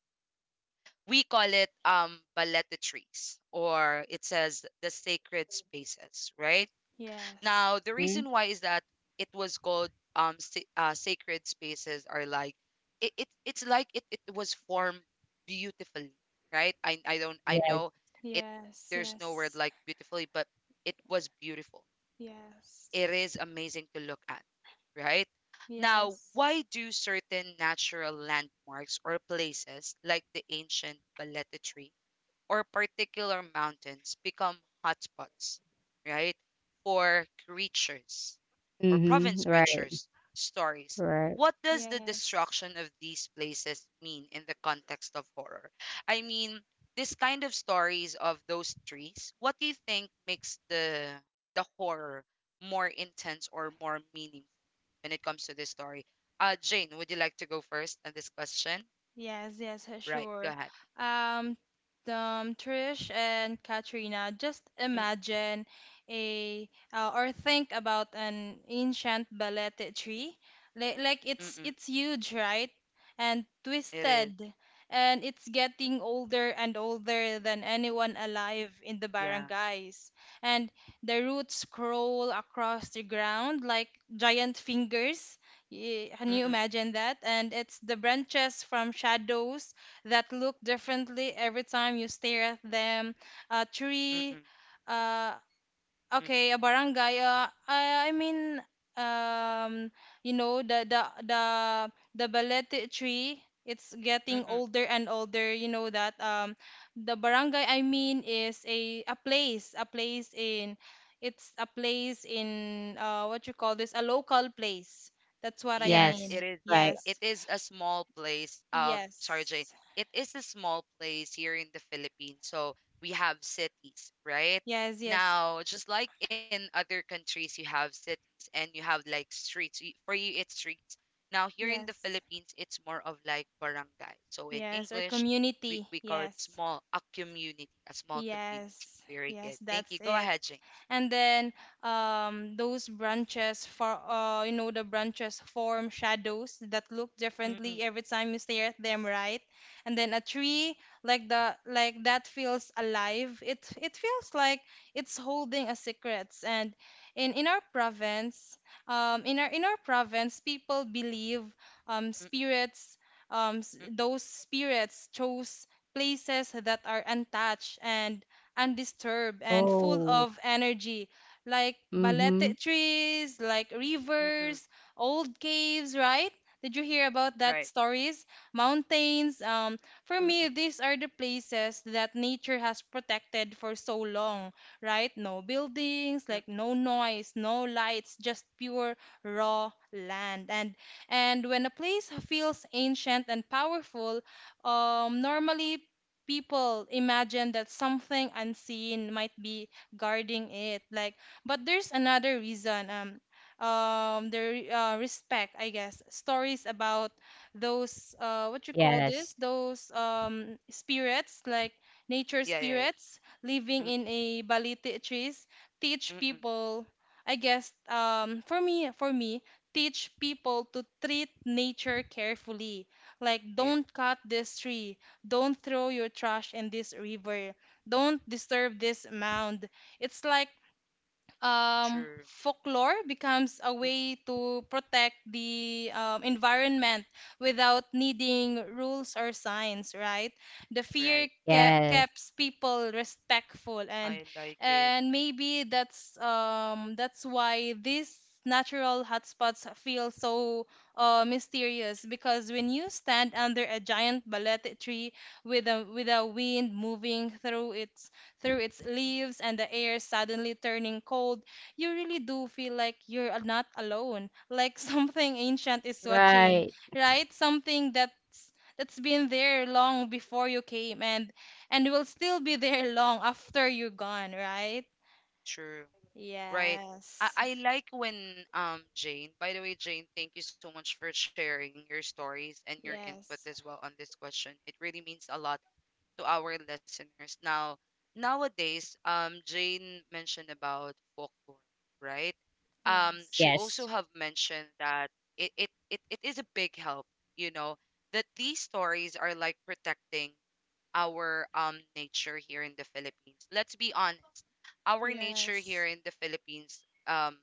Speaker 1: we call it baleta trees, or it says the sacred spaces, right?
Speaker 2: yes,
Speaker 1: Now, the reason
Speaker 3: Mhm.
Speaker 1: why is that it was called sacred spaces are like it, it was formed beautifully, right? I know
Speaker 3: Yes.
Speaker 1: it
Speaker 2: yes,
Speaker 1: there's no word
Speaker 2: yes,
Speaker 1: like beautifully, but it was beautiful. It is amazing to look at, right? Now,
Speaker 2: yes,
Speaker 1: why do certain natural landmarks or places like the ancient Baleta tree or particular mountains become hotspots, right? For creatures or
Speaker 3: Mhm.
Speaker 1: province
Speaker 3: Right.
Speaker 1: creatures stories.
Speaker 3: Right.
Speaker 1: What does
Speaker 2: yes,
Speaker 1: the
Speaker 2: yes.
Speaker 1: destruction of these places mean in the context of horror? I mean, this kind of stories of those trees, what do you think makes the horror more intense or more meaningful when it comes to this story? Jane, would you like to go first on this question?
Speaker 2: Yes, yes,
Speaker 1: Right, go
Speaker 2: sure.
Speaker 1: ahead.
Speaker 2: Um, Trish and Katrina, just
Speaker 1: Mm-mm,
Speaker 2: imagine a or think about an ancient balete tree. Like
Speaker 1: mm-mm.
Speaker 2: it's huge, right? And
Speaker 1: It is.
Speaker 2: twisted, and it's getting older and older than anyone alive in the
Speaker 1: Yeah.
Speaker 2: barangays. And the roots crawl across the ground like giant fingers. Y- Can
Speaker 1: Mm-mm,
Speaker 2: you imagine that? And it's the branches from shadows that look differently every time you stare at them. A
Speaker 1: mm-mm,
Speaker 2: tree, uh,
Speaker 1: mm-mm,
Speaker 2: okay, a barangay. I mean, um, you know, the the balete tree. It's getting
Speaker 1: mm-mm.
Speaker 2: older and older. You know that the barangay I mean is a place in, it's a place in what you call this, a local place. That's what I
Speaker 1: Yes,
Speaker 3: Yes.
Speaker 1: it
Speaker 2: mean.
Speaker 1: is.
Speaker 3: Right.
Speaker 1: It
Speaker 2: Yes,
Speaker 1: is a small place. Sorry, Jane.
Speaker 2: yes,
Speaker 1: It is a small place here in the Philippines. So we have cities, right?
Speaker 2: yes, yes,
Speaker 1: Now, just like in other countries, you have cities and you have like streets. For you, it's streets. Now, here in the
Speaker 2: yes,
Speaker 1: Philippines, it's more of like barangay. So in
Speaker 2: yes. Or
Speaker 1: English, we,
Speaker 2: community.
Speaker 1: we call it
Speaker 2: Yes,
Speaker 1: small, a community, a small community.
Speaker 2: yes,
Speaker 1: Very good.
Speaker 2: yes.
Speaker 1: Thank you.
Speaker 2: That's
Speaker 1: Go
Speaker 2: it.
Speaker 1: ahead, Jane.
Speaker 2: And then those branches for you know the branches form shadows that look
Speaker 1: Mm-mm,
Speaker 2: differently every time you stare at them, right? And then a tree like the like that feels alive. It feels like it's holding a secrets and in in our province in our province people believe
Speaker 1: mm-mm,
Speaker 2: spirits
Speaker 1: mm-mm,
Speaker 2: those spirits chose places that are untouched and undisturbed and full
Speaker 3: Oh.
Speaker 2: of energy, like balete
Speaker 3: Mhm.
Speaker 2: trees, like
Speaker 1: mm-mm.
Speaker 2: rivers, old caves, right? Did you hear about
Speaker 1: Right.
Speaker 2: that stories? Mountains. For me,
Speaker 1: Mm-mm,
Speaker 2: these are the places that nature has protected for so long, right? No buildings,
Speaker 1: mm.
Speaker 2: like no noise, no lights, just pure raw land. And when a place feels ancient and powerful, normally people imagine that something unseen might be guarding it like but there's another reason respect I guess stories about those what you call this
Speaker 3: Yes.
Speaker 2: those spirits like nature
Speaker 1: Yeah, yeah, yeah.
Speaker 2: spirits living
Speaker 1: Mm-mm,
Speaker 2: in a baliti trees teach
Speaker 1: mm.
Speaker 2: people I guess for me teach people to treat nature carefully, like
Speaker 1: Very
Speaker 2: don't cut this tree, don't throw your trash in this river. Don't disturb this mound. It's like
Speaker 1: true.
Speaker 2: folklore becomes a
Speaker 1: Mm,
Speaker 2: way to protect the environment without needing rules or signs, right? The
Speaker 1: right.
Speaker 3: Yes.
Speaker 2: keeps people respectful,
Speaker 1: I like it.
Speaker 2: and maybe that's why these natural hotspots feel so mysterious because when you stand under a giant balete tree with a wind moving through it through its leaves and the air suddenly turning cold, you really do feel like you're not alone, like something ancient is watching,
Speaker 3: Right.
Speaker 2: right? Something that's been there long before you came and will still be there long after you're gone, right?
Speaker 1: True. Right. I,
Speaker 2: Yes.
Speaker 1: I like when Jane, by the way, Jane, thank you so much for sharing your stories and your input
Speaker 2: Yes.
Speaker 1: as well on this question. It really means a lot to our listeners. Now, nowadays, Jane mentioned about folklore, right?
Speaker 2: Yes.
Speaker 1: She also
Speaker 3: Yes.
Speaker 1: have mentioned that it is a big help, you know, that these stories are like protecting our nature here in the Philippines. Let's be honest. Our nature here
Speaker 2: Yes.
Speaker 1: in the Philippines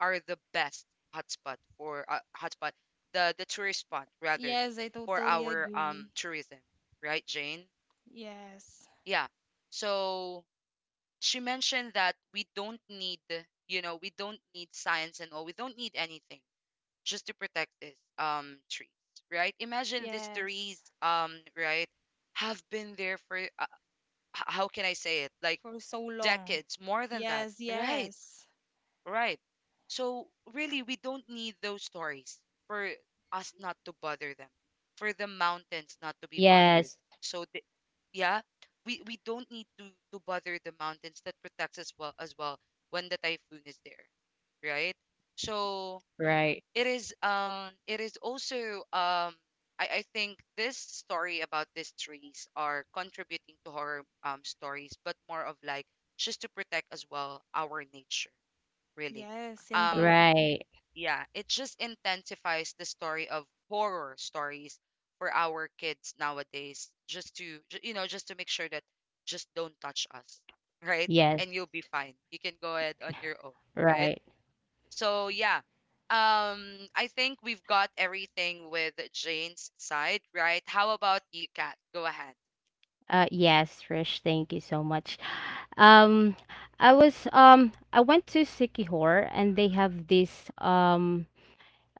Speaker 1: are the best hotspot for hotspot the tourist spot rather
Speaker 2: Yes, I
Speaker 1: for
Speaker 2: totally
Speaker 1: our
Speaker 2: agree.
Speaker 1: tourism, right, Jane?
Speaker 2: Yes.
Speaker 1: Yeah. So she mentioned that we don't need you know we don't need science and all we don't need anything just to protect this trees, right, imagine these trees
Speaker 2: Yes.
Speaker 1: right have been there for how can I say it? Like
Speaker 2: For so long.
Speaker 1: decades, more than that.
Speaker 2: Yes,
Speaker 1: Right,
Speaker 2: yes.
Speaker 1: right. So really, we don't need those stories for us not to bother them, for the mountains not to be bothered.
Speaker 3: Yes.
Speaker 1: So the, yeah, we don't need to bother the mountains that protects us well as well when the typhoon is there, right? So
Speaker 3: Right.
Speaker 1: it is also I think this story about these trees are contributing to horror stories, but more of like just to protect as well our nature, really.
Speaker 2: Yes,
Speaker 1: Um
Speaker 2: indeed.
Speaker 3: Right.
Speaker 1: yeah, it just intensifies the story of horror stories for our kids nowadays, just to you know, just to make sure that just don't touch us, right?
Speaker 3: Yes.
Speaker 1: And you'll be fine. You can go ahead on your own, right?
Speaker 3: Right.
Speaker 1: So yeah, I think we've got everything with Jane's side, right? How about you, Kat? Go ahead.
Speaker 3: Yes, Rish, thank you so much. Um, I went to Sikihor, and they have this um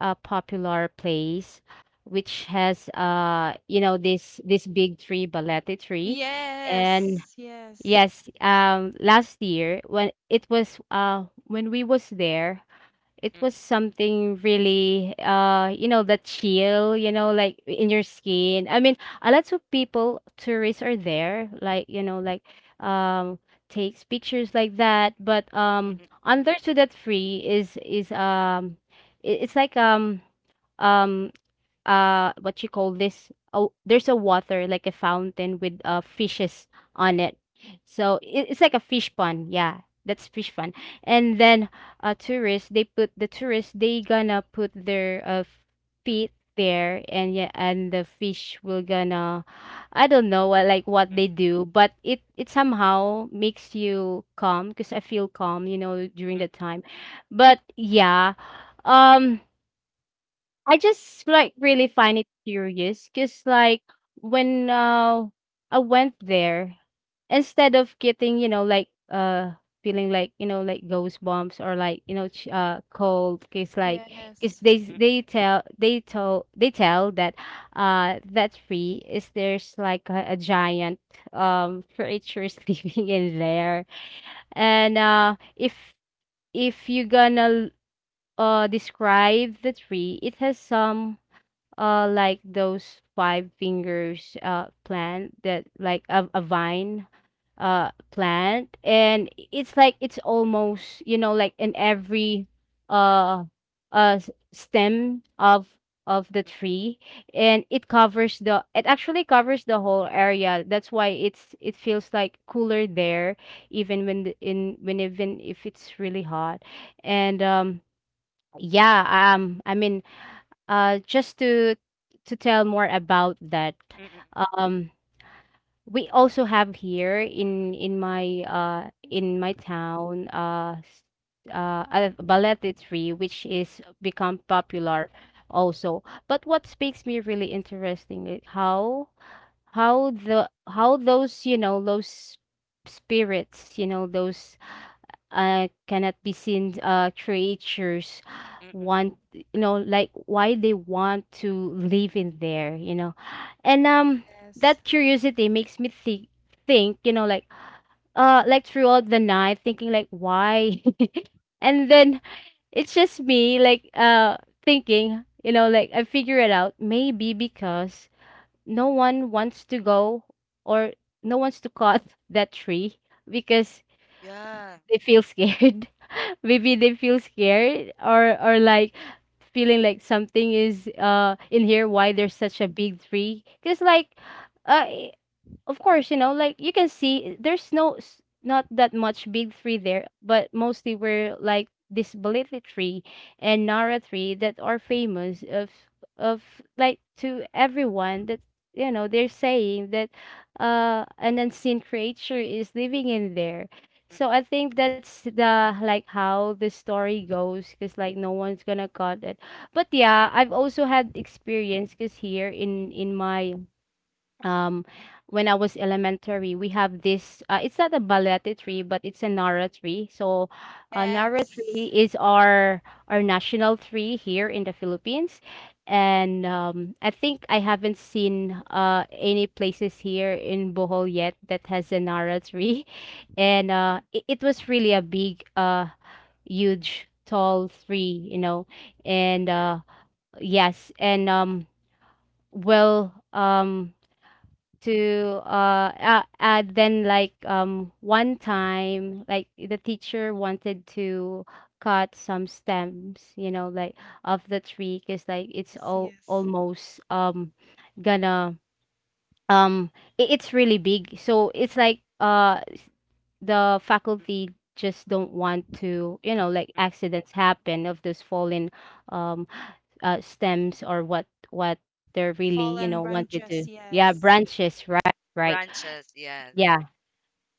Speaker 3: uh, popular place, which has this big tree, balete tree.
Speaker 1: Mm-mm,
Speaker 3: And
Speaker 2: Yes, yes,
Speaker 3: yes, last year, when it was when we was there, it
Speaker 1: mm-mm,
Speaker 3: was something really, the chill, like in your skin. I mean, a lot of people, tourists, are there, like, um takes pictures like that. But
Speaker 1: mm-mm,
Speaker 3: under to that free is it's like, um what you call this? Oh, there's a water, like a fountain with fishes on it. So it's like a fish pond. Yeah, that's fish pond. And then tourists, they gonna put their
Speaker 1: mm-mm,
Speaker 3: feet there. And yeah, and the fish will gonna, I don't know what, like what they do, but it somehow makes you calm, because I feel calm, during
Speaker 1: mm-mm,
Speaker 3: the time. But yeah, um I just like really find it curious, because like when I went there, instead of getting, feeling like, ghost bumps, or like, cold. Because like, because
Speaker 2: yes,
Speaker 3: they
Speaker 1: mm-mm,
Speaker 3: they tell that that tree is there's like a giant creature sleeping in there. And if you're gonna describe the tree, it has some like those five fingers plant, that like a vine plant. And it's like, it's almost, in every uh stem of the tree. And it actually covers the whole area. That's why it feels like cooler there, even when the, in when even if it's really hot. And yeah, I mean, just to tell more about that,
Speaker 1: mm-mm, mm-mm,
Speaker 3: um, we also have here in my in my town, a ballet tree which is become popular also. But what makes me really interesting is how those, spirits, you know those cannot be seen creatures
Speaker 1: mm-mm, mm-mm.
Speaker 3: want, why they want to live in there, and
Speaker 2: yes,
Speaker 3: that curiosity makes me think, throughout the night, thinking like why. And then, it's just me like thinking, I figure it out, maybe because no one wants to go, or no wants to cut that tree because
Speaker 1: Yeah,
Speaker 3: they feel scared. Maybe they feel scared, or like feeling like something is in here, why there's such a big tree. Because like, uh of course, you know, like you can see there's no not that much big tree there, but mostly were like this Baliti tree and Nara tree that are famous of like to everyone, that they're saying that an unseen creature is living in there.
Speaker 1: mm-mm,
Speaker 3: So I think that's the like how the story goes, because like no one's gonna cut it. But yeah, I've also had experience, because here in my um when I was elementary, we have this it's not a balete tree, but it's a nara tree. So nara
Speaker 2: yes,
Speaker 3: tree is our national tree here in the Philippines. And I think I haven't seen any places here in Bohol yet that has a nara tree. And it was really a big, huge, tall tree, you know. And
Speaker 1: true.
Speaker 3: yes, and well, to then, like, one time, like the teacher wanted to cut some stems, of the tree, because like it's
Speaker 2: yes,
Speaker 3: all
Speaker 2: yes.
Speaker 3: almost gonna um I- it's really big. So it's like the
Speaker 1: Mm-mm,
Speaker 3: faculty just don't want to,
Speaker 1: mm-mm.
Speaker 3: accidents happen, of those fallen um stems, or what they're really,
Speaker 2: Fallen
Speaker 3: wanted to,
Speaker 2: branches,
Speaker 3: yeah,
Speaker 2: yes,
Speaker 3: branches, right? Right,
Speaker 1: Branches. Yes.
Speaker 3: yeah.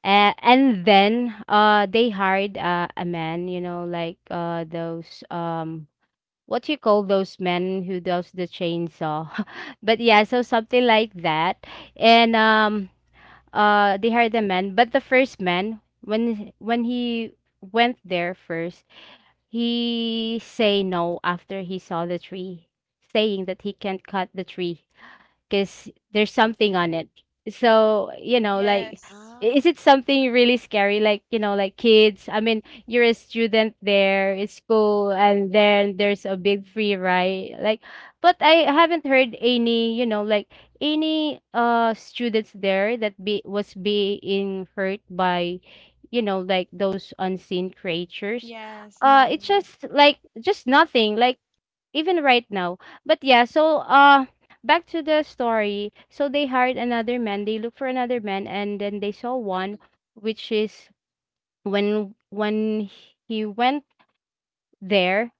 Speaker 3: And then they hired a man, you know, like those what you call, those men who does the chainsaw. But yeah, so something like that. And
Speaker 1: Mm-mm.
Speaker 3: they hired a man, but the first man, when he went there first, he say no after he saw the tree, saying that he can't cut the tree because there's something on it. So,
Speaker 2: yes,
Speaker 1: Ah,
Speaker 3: is it something really scary? Like, kids, I mean, you're a student there, it's school, and then there's a big free ride. Like, but I haven't heard any, any students there that be was being hurt by, those unseen creatures.
Speaker 2: yes, now,
Speaker 3: It's just like just nothing. Like even right now. But yeah, so back to the story. So they hired another man, they looked for another man, and then they saw
Speaker 1: mm-mm.
Speaker 3: one, which is, when he went there,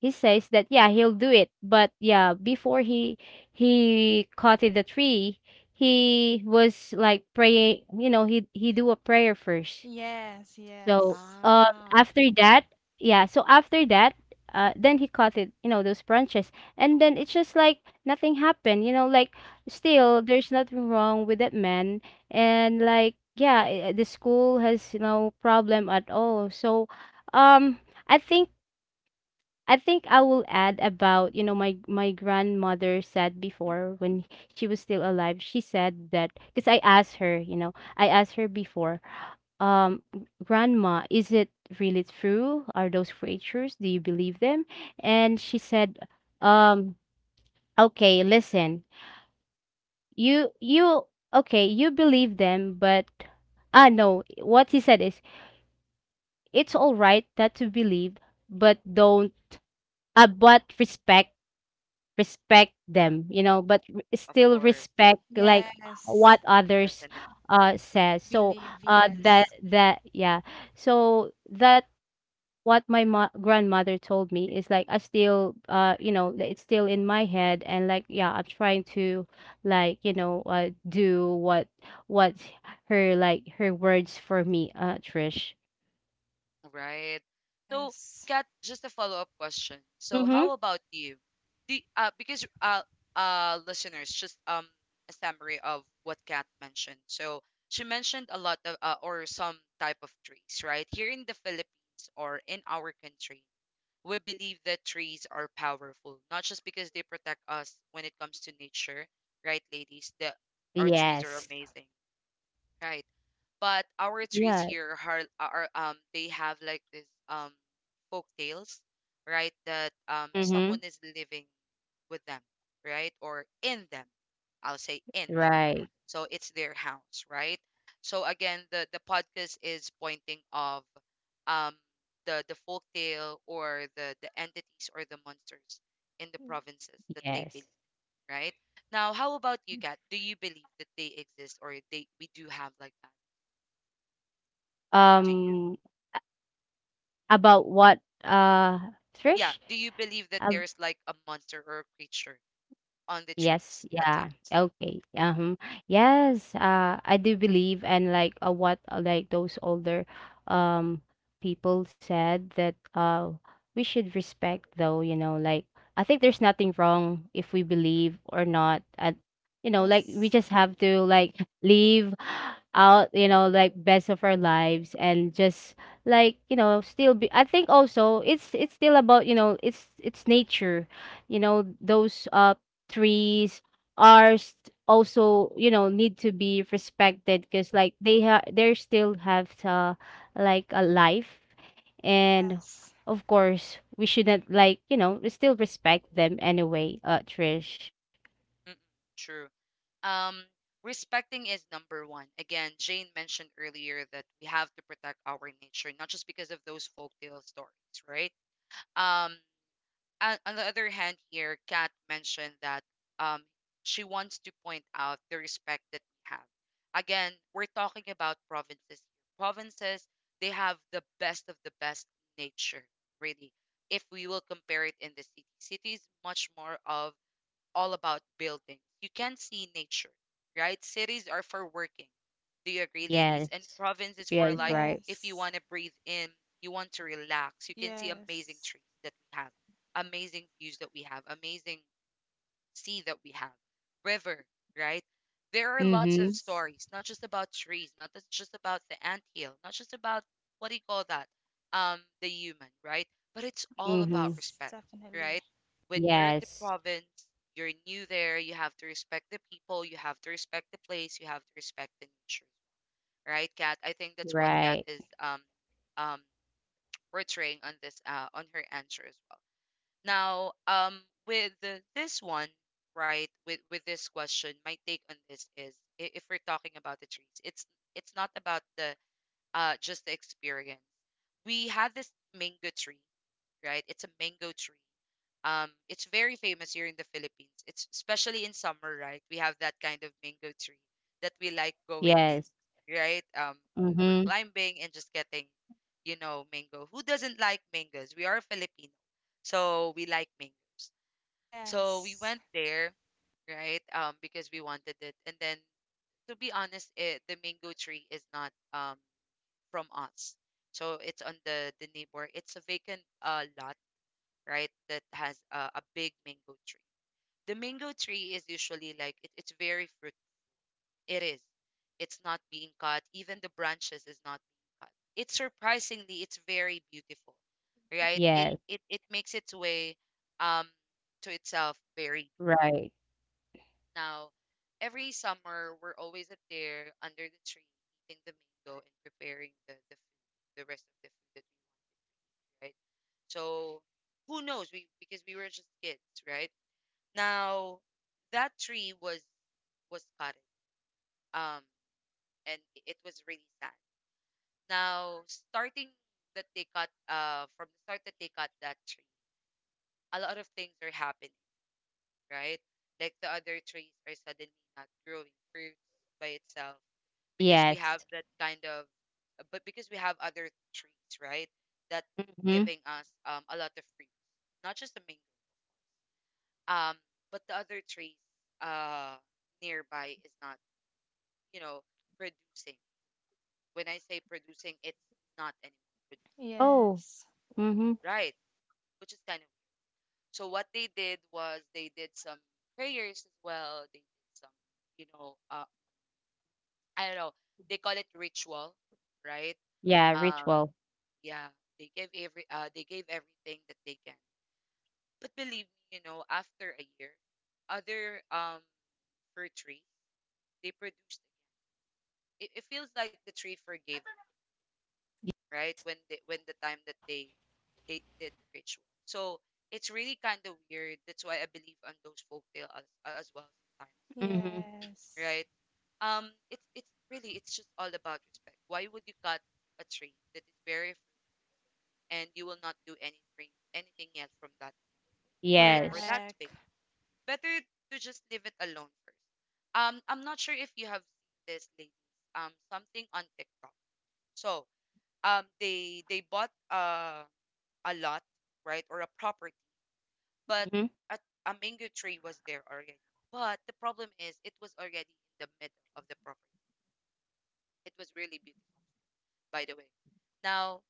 Speaker 3: he says that yeah, he'll do it. But yeah, before he caught in the tree, he was like praying, he do a prayer first.
Speaker 2: yes,
Speaker 3: So
Speaker 2: yes,
Speaker 1: Ah,
Speaker 3: after that, yeah, so after that, then he caught it, you know, those branches. And then, it's just like nothing happened, still there's nothing wrong with that man, and like yeah, the school has no problem at all. So um I think I think I will add about, my grandmother said
Speaker 1: mm.
Speaker 3: before when she was still alive. She said that, because I asked her before, um, grandma, is it really true? Are those creatures? Do you believe them? And she said, um, okay, listen, you you okay, you believe them, but no, what he said is, it's all right that to believe, but don't, but respect them, you know, but
Speaker 1: Of
Speaker 3: still
Speaker 1: course,
Speaker 3: respect like
Speaker 2: yes,
Speaker 3: what others says. So
Speaker 2: believe, yes,
Speaker 3: that, yeah. So that, what my grandmother told me, is like I still, that it's still in my head, and like yeah, I'm trying to, do what her words for me, Trish.
Speaker 1: right. So,
Speaker 2: yes,
Speaker 1: Kat, just a follow-up question. So,
Speaker 3: Mhm.
Speaker 1: how about you? The because listeners, just a summary of what Kat mentioned. So, she mentioned a lot of or some type of trees, right? Here in the Philippines or in our country, we believe that trees are powerful, not just because they protect us when it comes to nature, right, ladies? The our trees are
Speaker 3: Yes.
Speaker 1: amazing, right? But our trees
Speaker 3: Yeah.
Speaker 1: here are, are they have like this folk tales, right? That someone
Speaker 3: Mhm.
Speaker 1: is living with them, right? Or in them. I'll say in them.
Speaker 3: Right.
Speaker 1: So it's their house, right? So again, the podcast is pointing of um the folk tale or the entities or the monsters in the provinces that they
Speaker 3: Yes.
Speaker 1: believe, right? Now, how about you, Kat? Do you believe that they exist or they we do have like that? Do you?
Speaker 3: Um About what, uh, Trish?
Speaker 1: Yeah. Do you believe that there's like a monster or a creature on the
Speaker 3: Yes,
Speaker 1: trees at
Speaker 3: yeah.
Speaker 1: times?
Speaker 3: Okay. Yes, I do believe. And like, what, like those older um people said that we should respect though, you know, like I think there's nothing wrong if we
Speaker 1: Mm,
Speaker 3: believe or not at, we
Speaker 2: yes,
Speaker 3: just have to, like, live out, best of our lives, and just like, still be. I think also it's still about, it's nature. Those trees are also, you know, need to be respected, because like they still have, like a life. And
Speaker 2: yes,
Speaker 3: of course, we shouldn't, we still respect them anyway, Trish.
Speaker 1: mm, mm, true. Um, respecting is number one. Again, Jane mentioned earlier that we have to protect our nature, not just because of those folktale stories, right? Um, on the other hand, here Kat mentioned that um she wants to point out the respect that we have, again we're talking about provinces, provinces, they have the best of the best nature, really. If we will compare it in the city, cities much more of all about buildings. You can see nature, right? Cities are for working. Do you agree,
Speaker 3: Yes.
Speaker 1: ladies? And province is for
Speaker 3: Yes.
Speaker 1: like
Speaker 3: Right.
Speaker 1: if you
Speaker 2: yes,
Speaker 1: want to breathe in, you want to relax. You can see amazing
Speaker 2: yes,
Speaker 1: trees that we have, amazing views that we have, amazing sea that we have, river, right? There are lots of
Speaker 3: Mm-hmm.
Speaker 1: stories, not just about trees, not that's just about the anthill, not just about what do you call that? The human, right? But it's all
Speaker 3: Mm-hmm.
Speaker 1: about
Speaker 2: yes,
Speaker 1: respect,
Speaker 2: definitely.
Speaker 1: right? When you're at the
Speaker 3: Yes.
Speaker 1: province, you're new there, you have to respect the people, you have to respect the place, you have to respect the nature, right, Kat? I think that's what Kat
Speaker 3: Right.
Speaker 1: is um portraying on this on her answer as well. Now, with the, this one, right? With this question, my take on this is, if we're talking about the trees, it's not about the just the experience. We had this mango tree, right? It's a mango tree. It's very famous here in the Philippines. It's especially in summer, right? We have that kind of mango tree that we like going in,
Speaker 3: Yes.
Speaker 1: right? We were
Speaker 3: Mm-hmm.
Speaker 1: climbing and just getting, you know, mango. Who doesn't like mangoes? We are Filipino, so we like mangoes. So we
Speaker 2: Yes,
Speaker 1: went there, right? Because we wanted it. And then, to be honest, it, the mango tree is not from us. So it's on the neighbor. It's a vacant lot, right? That has a big mango tree. The mango tree is usually like it, it's very fruit. It is. It's not being cut. Even the branches is not being cut. It's surprisingly, it's very beautiful, right? It
Speaker 3: Yes.
Speaker 1: it it makes its way um to itself very
Speaker 3: Right.
Speaker 1: now. Every summer, we're always up there under the tree eating the mango and preparing the food, the rest of the food that we eat, right. So who knows? We because we were just kids, right? Now that tree was cut. Um, and it was really sad now starting that they cut from the start that they cut that tree, a lot of things are happening, right, like the other trees are suddenly not growing fruits by itself because we have
Speaker 3: Yes.
Speaker 1: that kind of but because we have other trees, right, that
Speaker 3: Mm-hmm.
Speaker 1: giving us a lot of fruits, not just the mango, um but the other trees uh nearby is not, you know, producing. When I say producing, it's not anymore.
Speaker 3: Oh.
Speaker 2: yes,
Speaker 3: Mm-hmm.
Speaker 1: Right, which is kind of, so what they did was they did some prayers as well. They did some, you know, I don't know. They call it ritual, right?
Speaker 3: Yeah,
Speaker 1: Um,
Speaker 3: ritual.
Speaker 1: yeah, they gave every they gave everything that they can. But believe me, you know, after a year, other fir trees they produced again. It feels like the tree forgave them. Right?
Speaker 3: Yes.
Speaker 1: When they when the time that they did the ritual. So it's really kind of weird. That's why I believe on those folktale as well sometimes,
Speaker 3: Mm-hmm.
Speaker 2: yes.
Speaker 1: right? It's really it's just all about respect. Why would you cut a tree that is very fruit and you will not do anything anything else from that, right, or
Speaker 3: Yes.
Speaker 1: that
Speaker 2: Correct.
Speaker 1: space? Better to just leave it alone first. I'm not sure if you have seen this, ladies. Something on TikTok. So they bought a lot, right? Or a property. But
Speaker 3: Mhm.
Speaker 1: a, a mango tree was there already. But the problem is it was already in the middle of the property. It was really beautiful, by the way. Now,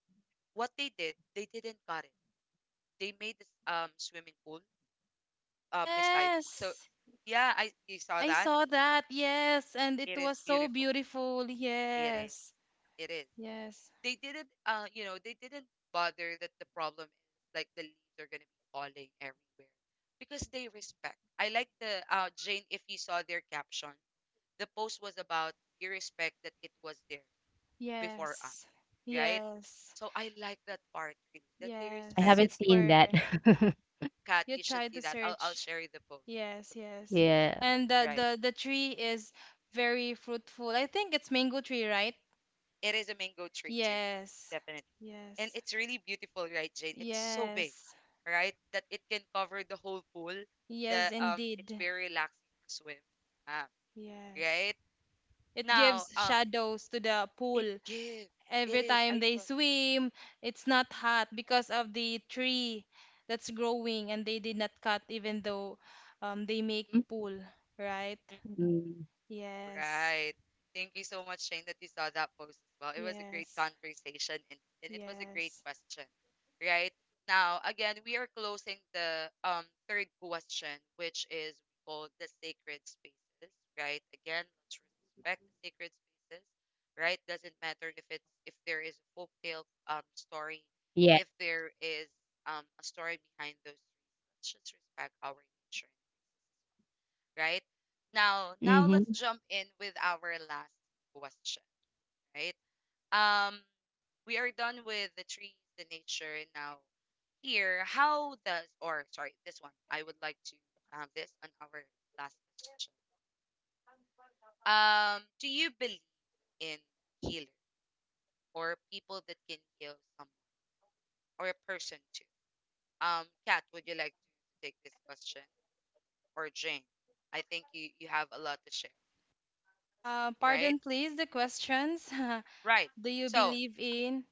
Speaker 1: what they did, they didn't cut it. They made this swimming pool beside it. So
Speaker 2: Yes,
Speaker 1: yeah, I you saw
Speaker 2: I
Speaker 1: that.
Speaker 2: saw that. Yes, and it
Speaker 1: It
Speaker 2: was
Speaker 1: is
Speaker 2: so
Speaker 1: beautiful.
Speaker 2: beautiful.
Speaker 1: It is.
Speaker 2: Yes,
Speaker 1: It is.
Speaker 2: yes,
Speaker 1: They didn't you know they didn't bother that, the problem is like the leaves are gonna be falling everywhere because they respect, I like the Jane, if you saw their caption, the post was about we respect that it was there before us,
Speaker 2: yes,
Speaker 1: right?
Speaker 2: yes,
Speaker 1: So I like that part really, that they
Speaker 2: yes.
Speaker 3: I
Speaker 1: respect
Speaker 3: haven't
Speaker 1: it because
Speaker 3: seen
Speaker 2: Super.
Speaker 3: that.
Speaker 1: Kat,
Speaker 2: You
Speaker 1: you
Speaker 2: try
Speaker 1: should
Speaker 2: to
Speaker 1: see that, I'll
Speaker 2: search.
Speaker 1: share you the post
Speaker 2: Yes,
Speaker 1: sometime,
Speaker 2: yes.
Speaker 3: Yeah.
Speaker 2: And the
Speaker 1: right.
Speaker 2: the the tree is very fruitful. I think it's mango tree, right?
Speaker 1: It is a mango tree too,
Speaker 2: Yes,
Speaker 1: definitely. And
Speaker 2: yes,
Speaker 1: it's really beautiful, right, Jane? It's so big,
Speaker 2: yes,
Speaker 1: right? That it can cover the whole pool.
Speaker 2: yes,
Speaker 1: The it's
Speaker 2: indeed.
Speaker 1: very relaxing to swim. Yeah.
Speaker 2: Yes.
Speaker 1: Right?
Speaker 2: It
Speaker 1: Now,
Speaker 2: gives shadows to the
Speaker 1: it
Speaker 2: pool.
Speaker 1: gives. It
Speaker 2: Every
Speaker 1: is.
Speaker 2: time
Speaker 1: I
Speaker 2: they
Speaker 1: saw
Speaker 2: swim, it's not hot because of the tree that's growing and they did not cut even though they make
Speaker 3: Mhm.
Speaker 2: pool, right?
Speaker 1: that.
Speaker 3: Mm.
Speaker 2: Yes,
Speaker 1: Right. Thank you so much, Shane, that you saw that post as well. It was a great
Speaker 2: yes,
Speaker 1: conversation and it was a great
Speaker 2: yes.
Speaker 1: question. Right. Now, again, we are closing the third question, which is called the sacred spaces. Right. Again, let's respect the sacred spaces. Right. Doesn't matter if there is a folk tale story,
Speaker 3: Yes.
Speaker 1: if there is a story behind those trees. Let's just respect our nature, right? Now
Speaker 3: Mhm.
Speaker 1: let's jump in with our last question, right? Um, we are done with the trees, the nature. Now, here, how does, or sorry, this one, I would like to have this on our last question. Do you believe in healer, or people that can heal someone or a person too? Kat, would you like to take this question, or Jane? I think you have a lot to share, right?
Speaker 2: Pardon, please, the questions.
Speaker 1: Right.
Speaker 2: Do you
Speaker 1: So,
Speaker 2: believe in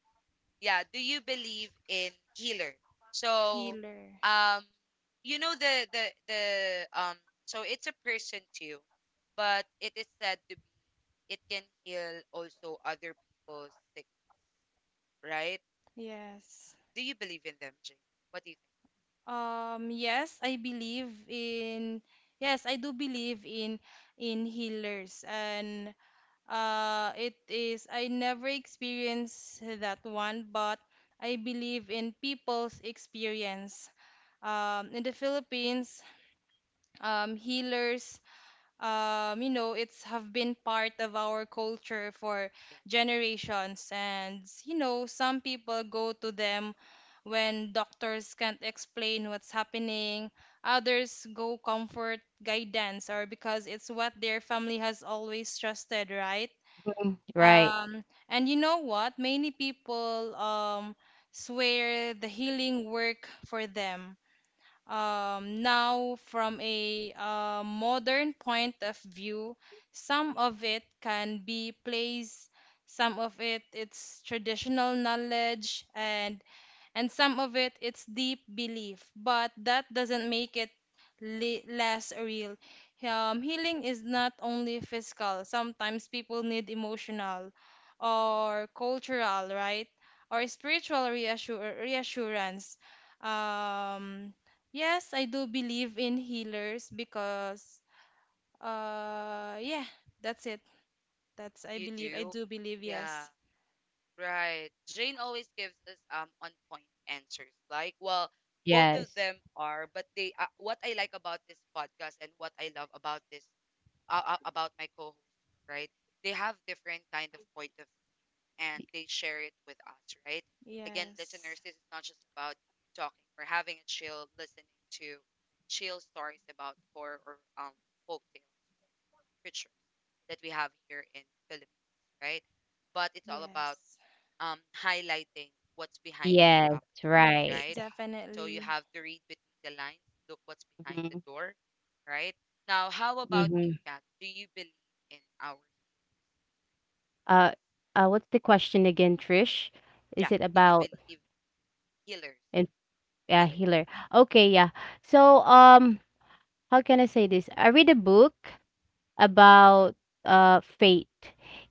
Speaker 1: yeah, do you believe in healer? So,
Speaker 2: healer?
Speaker 1: um, you know, the um, so it's a person too, but it is said to be it can heal also other people's sick, right?
Speaker 2: Yes.
Speaker 1: Do you believe in them, Jane? What do you
Speaker 2: Um, yes, I believe in, yes, I do believe in healers and it is, I never experienced that one, but I believe in people's experience. In the Philippines, healers, you know, it's have been part of our culture for
Speaker 1: think?
Speaker 2: generations. And, you know, some people go to them when doctors can't explain what's happening. Others go comfort guidance or because it's what their family has always trusted, right?
Speaker 3: Mm. Right.
Speaker 2: Um, and you know what? Many people swear the healing work for them. Now, from a modern point of view, some of it can be place, some of it it's traditional knowledge, and some of it it's deep belief but that doesn't make it less real. Healing is not only physical, sometimes people need emotional or cultural, right? Or spiritual reassurance. um, yes I do believe in healers because yeah, that's it. That's I
Speaker 1: You
Speaker 2: believe. I
Speaker 1: do?
Speaker 2: do believe.
Speaker 1: Yeah,
Speaker 2: Yes,
Speaker 1: right. Jane always gives us on point answers. Like, well, both of
Speaker 3: Yes.
Speaker 1: them are, but they what I like about this podcast and what I love about this about my co-host, right? They have different kind of point of view, and they share it with us, right? Again, listeners,
Speaker 2: yes,
Speaker 1: this is not just about you talking or having a chill listening to chill stories about horror or folk tales, creatures that we have here in Philippines, right? But it's all about
Speaker 2: yes,
Speaker 1: highlighting what's behind this
Speaker 3: Yes.
Speaker 1: topic,
Speaker 2: yes,
Speaker 3: Right.
Speaker 1: right? So you
Speaker 2: definitely.
Speaker 1: have to read between the lines, look what's behind the
Speaker 3: Mhm.
Speaker 1: door, right? Now, how about you,
Speaker 3: Mhm.
Speaker 1: Kat? Do you believe in our,
Speaker 3: Uh, what's the question again, Trish?
Speaker 1: yeah,
Speaker 3: Is it
Speaker 1: do you
Speaker 3: about,
Speaker 1: believe healers?
Speaker 3: and
Speaker 1: Healers,
Speaker 3: yeah, healer. Okay, yeah. So, how can I say this? I read a book about, fate.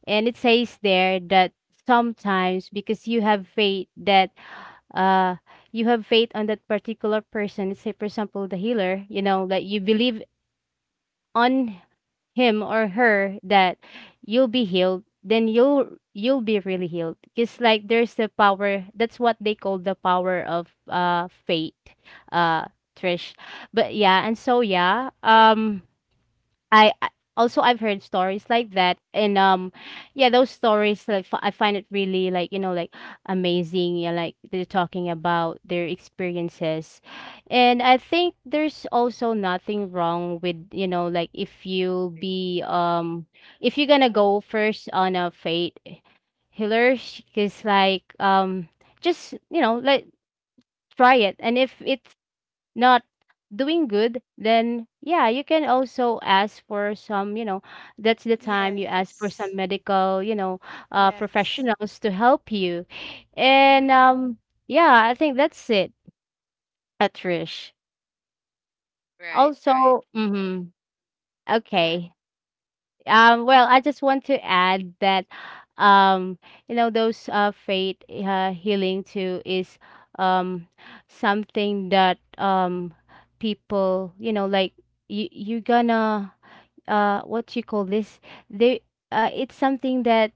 Speaker 3: And it says there that sometimes, because uh, you have faith on that particular person. Let's say, for example, the healer, that you believe on him or her, that you'll be healed, then you'll be really healed, because like there's the power, that's what they call the power of, fate, uh Trish. But yeah, and so yeah,
Speaker 1: I agree.
Speaker 3: I I- also, I've heard stories like that. And yeah, those stories, like I find it really, amazing. Yeah, like they're talking about their experiences. And I think there's also nothing wrong with, if you
Speaker 1: Believe.
Speaker 3: be, if you're gonna go first on a fate healers, because like, just, try it. And if it's not doing good, then
Speaker 1: In our—
Speaker 3: yeah, you can also ask for some, that's the time you ask for
Speaker 2: Yes,
Speaker 3: some medical,
Speaker 2: yes,
Speaker 3: professionals to help you. And yeah, I think that's it, Patrish.
Speaker 1: right, right.
Speaker 3: Also, mm-hmm,
Speaker 1: Go ahead.
Speaker 3: okay. Well, I just want to add that, um, those faith, healing too is, um, something that, people, you gonna, what you call this? They, it's something that,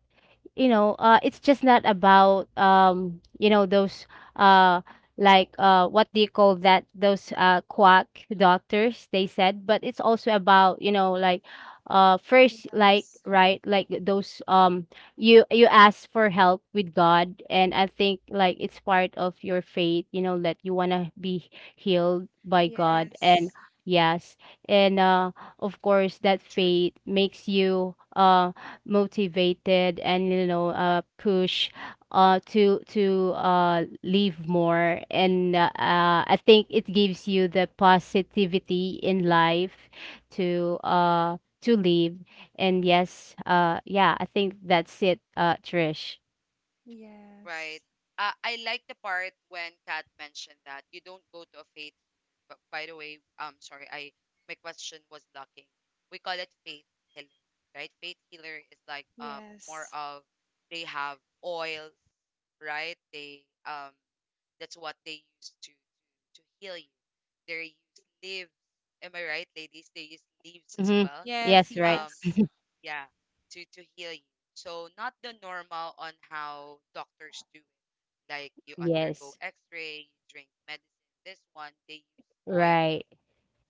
Speaker 3: it's just not about, those, uh what do you call that, those quack doctors, they said. But it's also about, first, like,
Speaker 2: yes,
Speaker 3: right, like those, you ask for help with God. And I think like it's part of your faith, that you want to be healed by God. And
Speaker 2: yes,
Speaker 3: yes, and of course, that faith makes you, motivated, and you know, push, to leave more. And, I think it gives you the positivity in life to, to leave. And yes, yeah, I think that's it, Trish.
Speaker 1: Right.
Speaker 2: yes,
Speaker 1: I like the part when Kat mentioned that you don't go to a faith healer. But by the way, sorry, I my question was locking. We call it faith healer, right? Faith healer is like more
Speaker 2: yes,
Speaker 1: of, they have oils, right? They that's what they use to heal you. They use leaves. Am I right, ladies? They use leaves as
Speaker 3: Mm-hmm.
Speaker 1: well.
Speaker 2: yes,
Speaker 3: Yes, right.
Speaker 1: Um.
Speaker 2: yes,
Speaker 1: Yeah, to heal you. So not the normal on how doctors do it. Like you undergo
Speaker 3: Yes,
Speaker 1: X-ray, you drink medicine. This one, they use
Speaker 3: right.
Speaker 1: oils.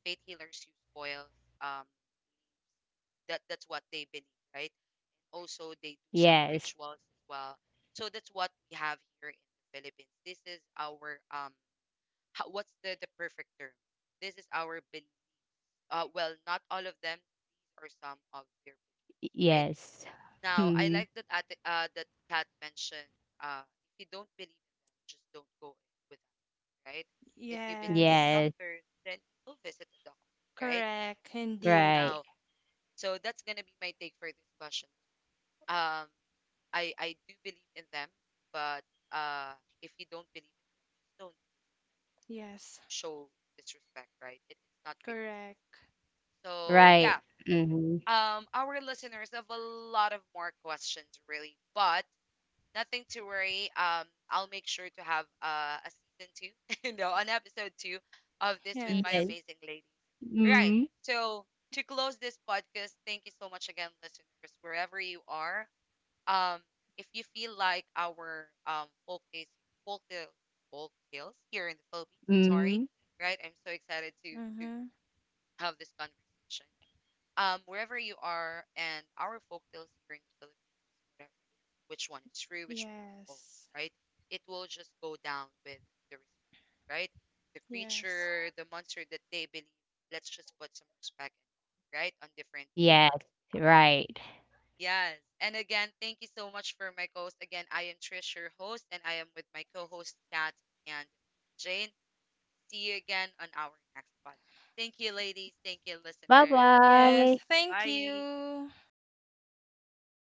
Speaker 1: Faith healers use oils. Um, that's what they believe, right? Also, they do some
Speaker 3: Yes,
Speaker 1: rituals as well. So that's what we have here in the Philippines. This is our what's the perfect term? This is our belief. Well, not all of them. These are some of their beliefs, right.
Speaker 3: yes.
Speaker 1: Now, I
Speaker 3: Hmm.
Speaker 1: like that that Kat mentioned, uh, if you don't believe in them, just don't go with them, right? If you believe in
Speaker 2: yes,
Speaker 3: Yes.
Speaker 1: doctors, then you'll visit a doctor, right?
Speaker 2: correct, indeed,
Speaker 3: Right,
Speaker 1: Now, so that's gonna be my take for this question. Um, I do believe in them, but uh, if you don't believe in them, just don't
Speaker 2: yes,
Speaker 1: show disrespect, right? It's not really
Speaker 2: correct,
Speaker 1: nice. So yeah,
Speaker 3: right. Mm-hmm.
Speaker 1: our listeners have a lot of more questions, really, but nothing to worry. I'll make sure to have a season two, no, an episode two of this with my
Speaker 2: yes,
Speaker 3: Yes.
Speaker 1: amazing ladies. Right.
Speaker 3: Mm-hmm.
Speaker 1: So to close this podcast, thank you so much again, listeners, wherever you are. Um, if you feel like our folk tale, folk tales here in the Philippines, sorry,
Speaker 3: Mm-hmm.
Speaker 1: right? I'm so excited to
Speaker 2: mm-hmm,
Speaker 1: have this conversation wherever you are, and our folktales here in the Philippines, whatever, which one is true, which one is
Speaker 2: yes,
Speaker 1: false, right? It will just go down with the respect, right? The
Speaker 2: yes,
Speaker 1: creature, the monster that they believe, let's just put some respect in, right, on different belief.
Speaker 3: Yes, right.
Speaker 1: Yes. And again, thank you so much for my co-host. Again, I am Trish, your host, and I am with my co-host Kat and Jane. See you again on our next podcast. Thank you, ladies. Thank you, listeners.
Speaker 2: yes,
Speaker 3: Bye-bye.
Speaker 2: thank
Speaker 1: Bye.
Speaker 2: you.